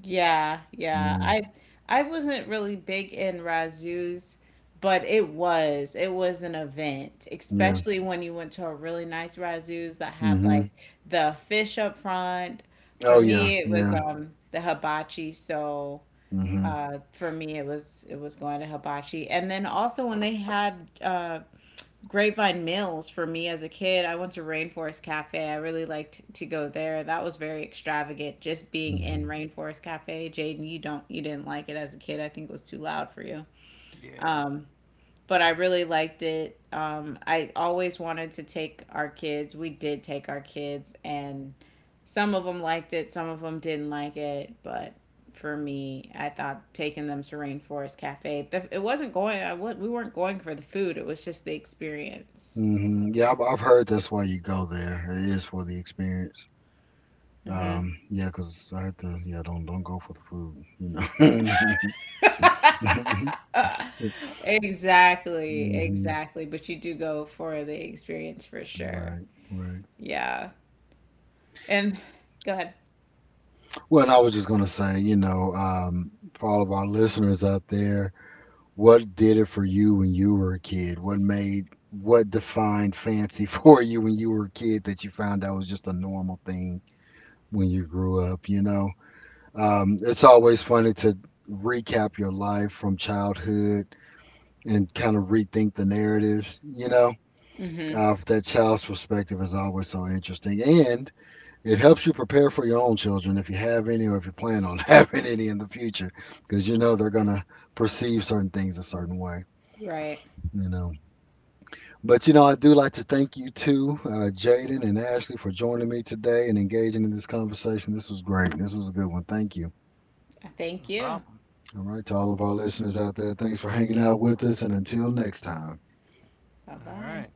[SPEAKER 2] Yeah, yeah.
[SPEAKER 1] Yeah,
[SPEAKER 2] I wasn't really big in razzoos, but it was an event,
[SPEAKER 1] yeah.
[SPEAKER 2] especially when you went to a really nice razzoos that had
[SPEAKER 1] Hmm.
[SPEAKER 2] like the fish up front. For
[SPEAKER 1] Oh yeah,
[SPEAKER 2] me, it was
[SPEAKER 1] yeah.
[SPEAKER 2] the hibachi, so
[SPEAKER 1] Hmm.
[SPEAKER 2] for me it was going to hibachi. And then also when they had Grapevine Mills for me as a kid. I went to Rainforest Cafe. I really liked to go there. That was very extravagant. Just being in
[SPEAKER 1] Hmm.
[SPEAKER 2] Rainforest Cafe. Jaden, you didn't like it as a kid. I think it was too loud for you.
[SPEAKER 3] yeah,
[SPEAKER 2] Um, but I really liked it. I always wanted to take our kids. We did take our kids, and some of them liked it. Some of them didn't like it. But for me, I thought taking them to Rainforest Cafe. The, it wasn't going. I would. We weren't going for the food. It was just the experience.
[SPEAKER 1] Hmm. Yeah, I've heard that's why you go there. It is for the experience.
[SPEAKER 2] Mhm.
[SPEAKER 1] Yeah, 'cause I had to. Yeah, don't go for the food. You know.
[SPEAKER 2] Exactly,
[SPEAKER 1] Hmm.
[SPEAKER 2] exactly. But you do go for the experience for sure.
[SPEAKER 1] Right, right.
[SPEAKER 2] Yeah. And go ahead.
[SPEAKER 1] Well, and I was just going to say, you know, for all of our listeners out there, what did it for you when you were a kid? What defined fancy for you when you were a kid that you found out was just a normal thing when you grew up, you know? It's always funny to recap your life from childhood and kind of rethink the narratives, you know?
[SPEAKER 2] Hmm.
[SPEAKER 1] That child's perspective is always so interesting. And. It helps you prepare for your own children if you have any or if you plan on having any in the future, because you know they're going to perceive certain things a certain way,
[SPEAKER 2] Right.
[SPEAKER 1] you know. But you know, I do like to thank you too, Jaden and Ashley, for joining me today and engaging in this conversation. This was great. This was a good one. Thank you.
[SPEAKER 3] no
[SPEAKER 2] Thank you.
[SPEAKER 3] problem.
[SPEAKER 1] All right, to all of our listeners out there, thanks for hanging out with us. And until next time.
[SPEAKER 2] Bye
[SPEAKER 3] All right.
[SPEAKER 2] bye.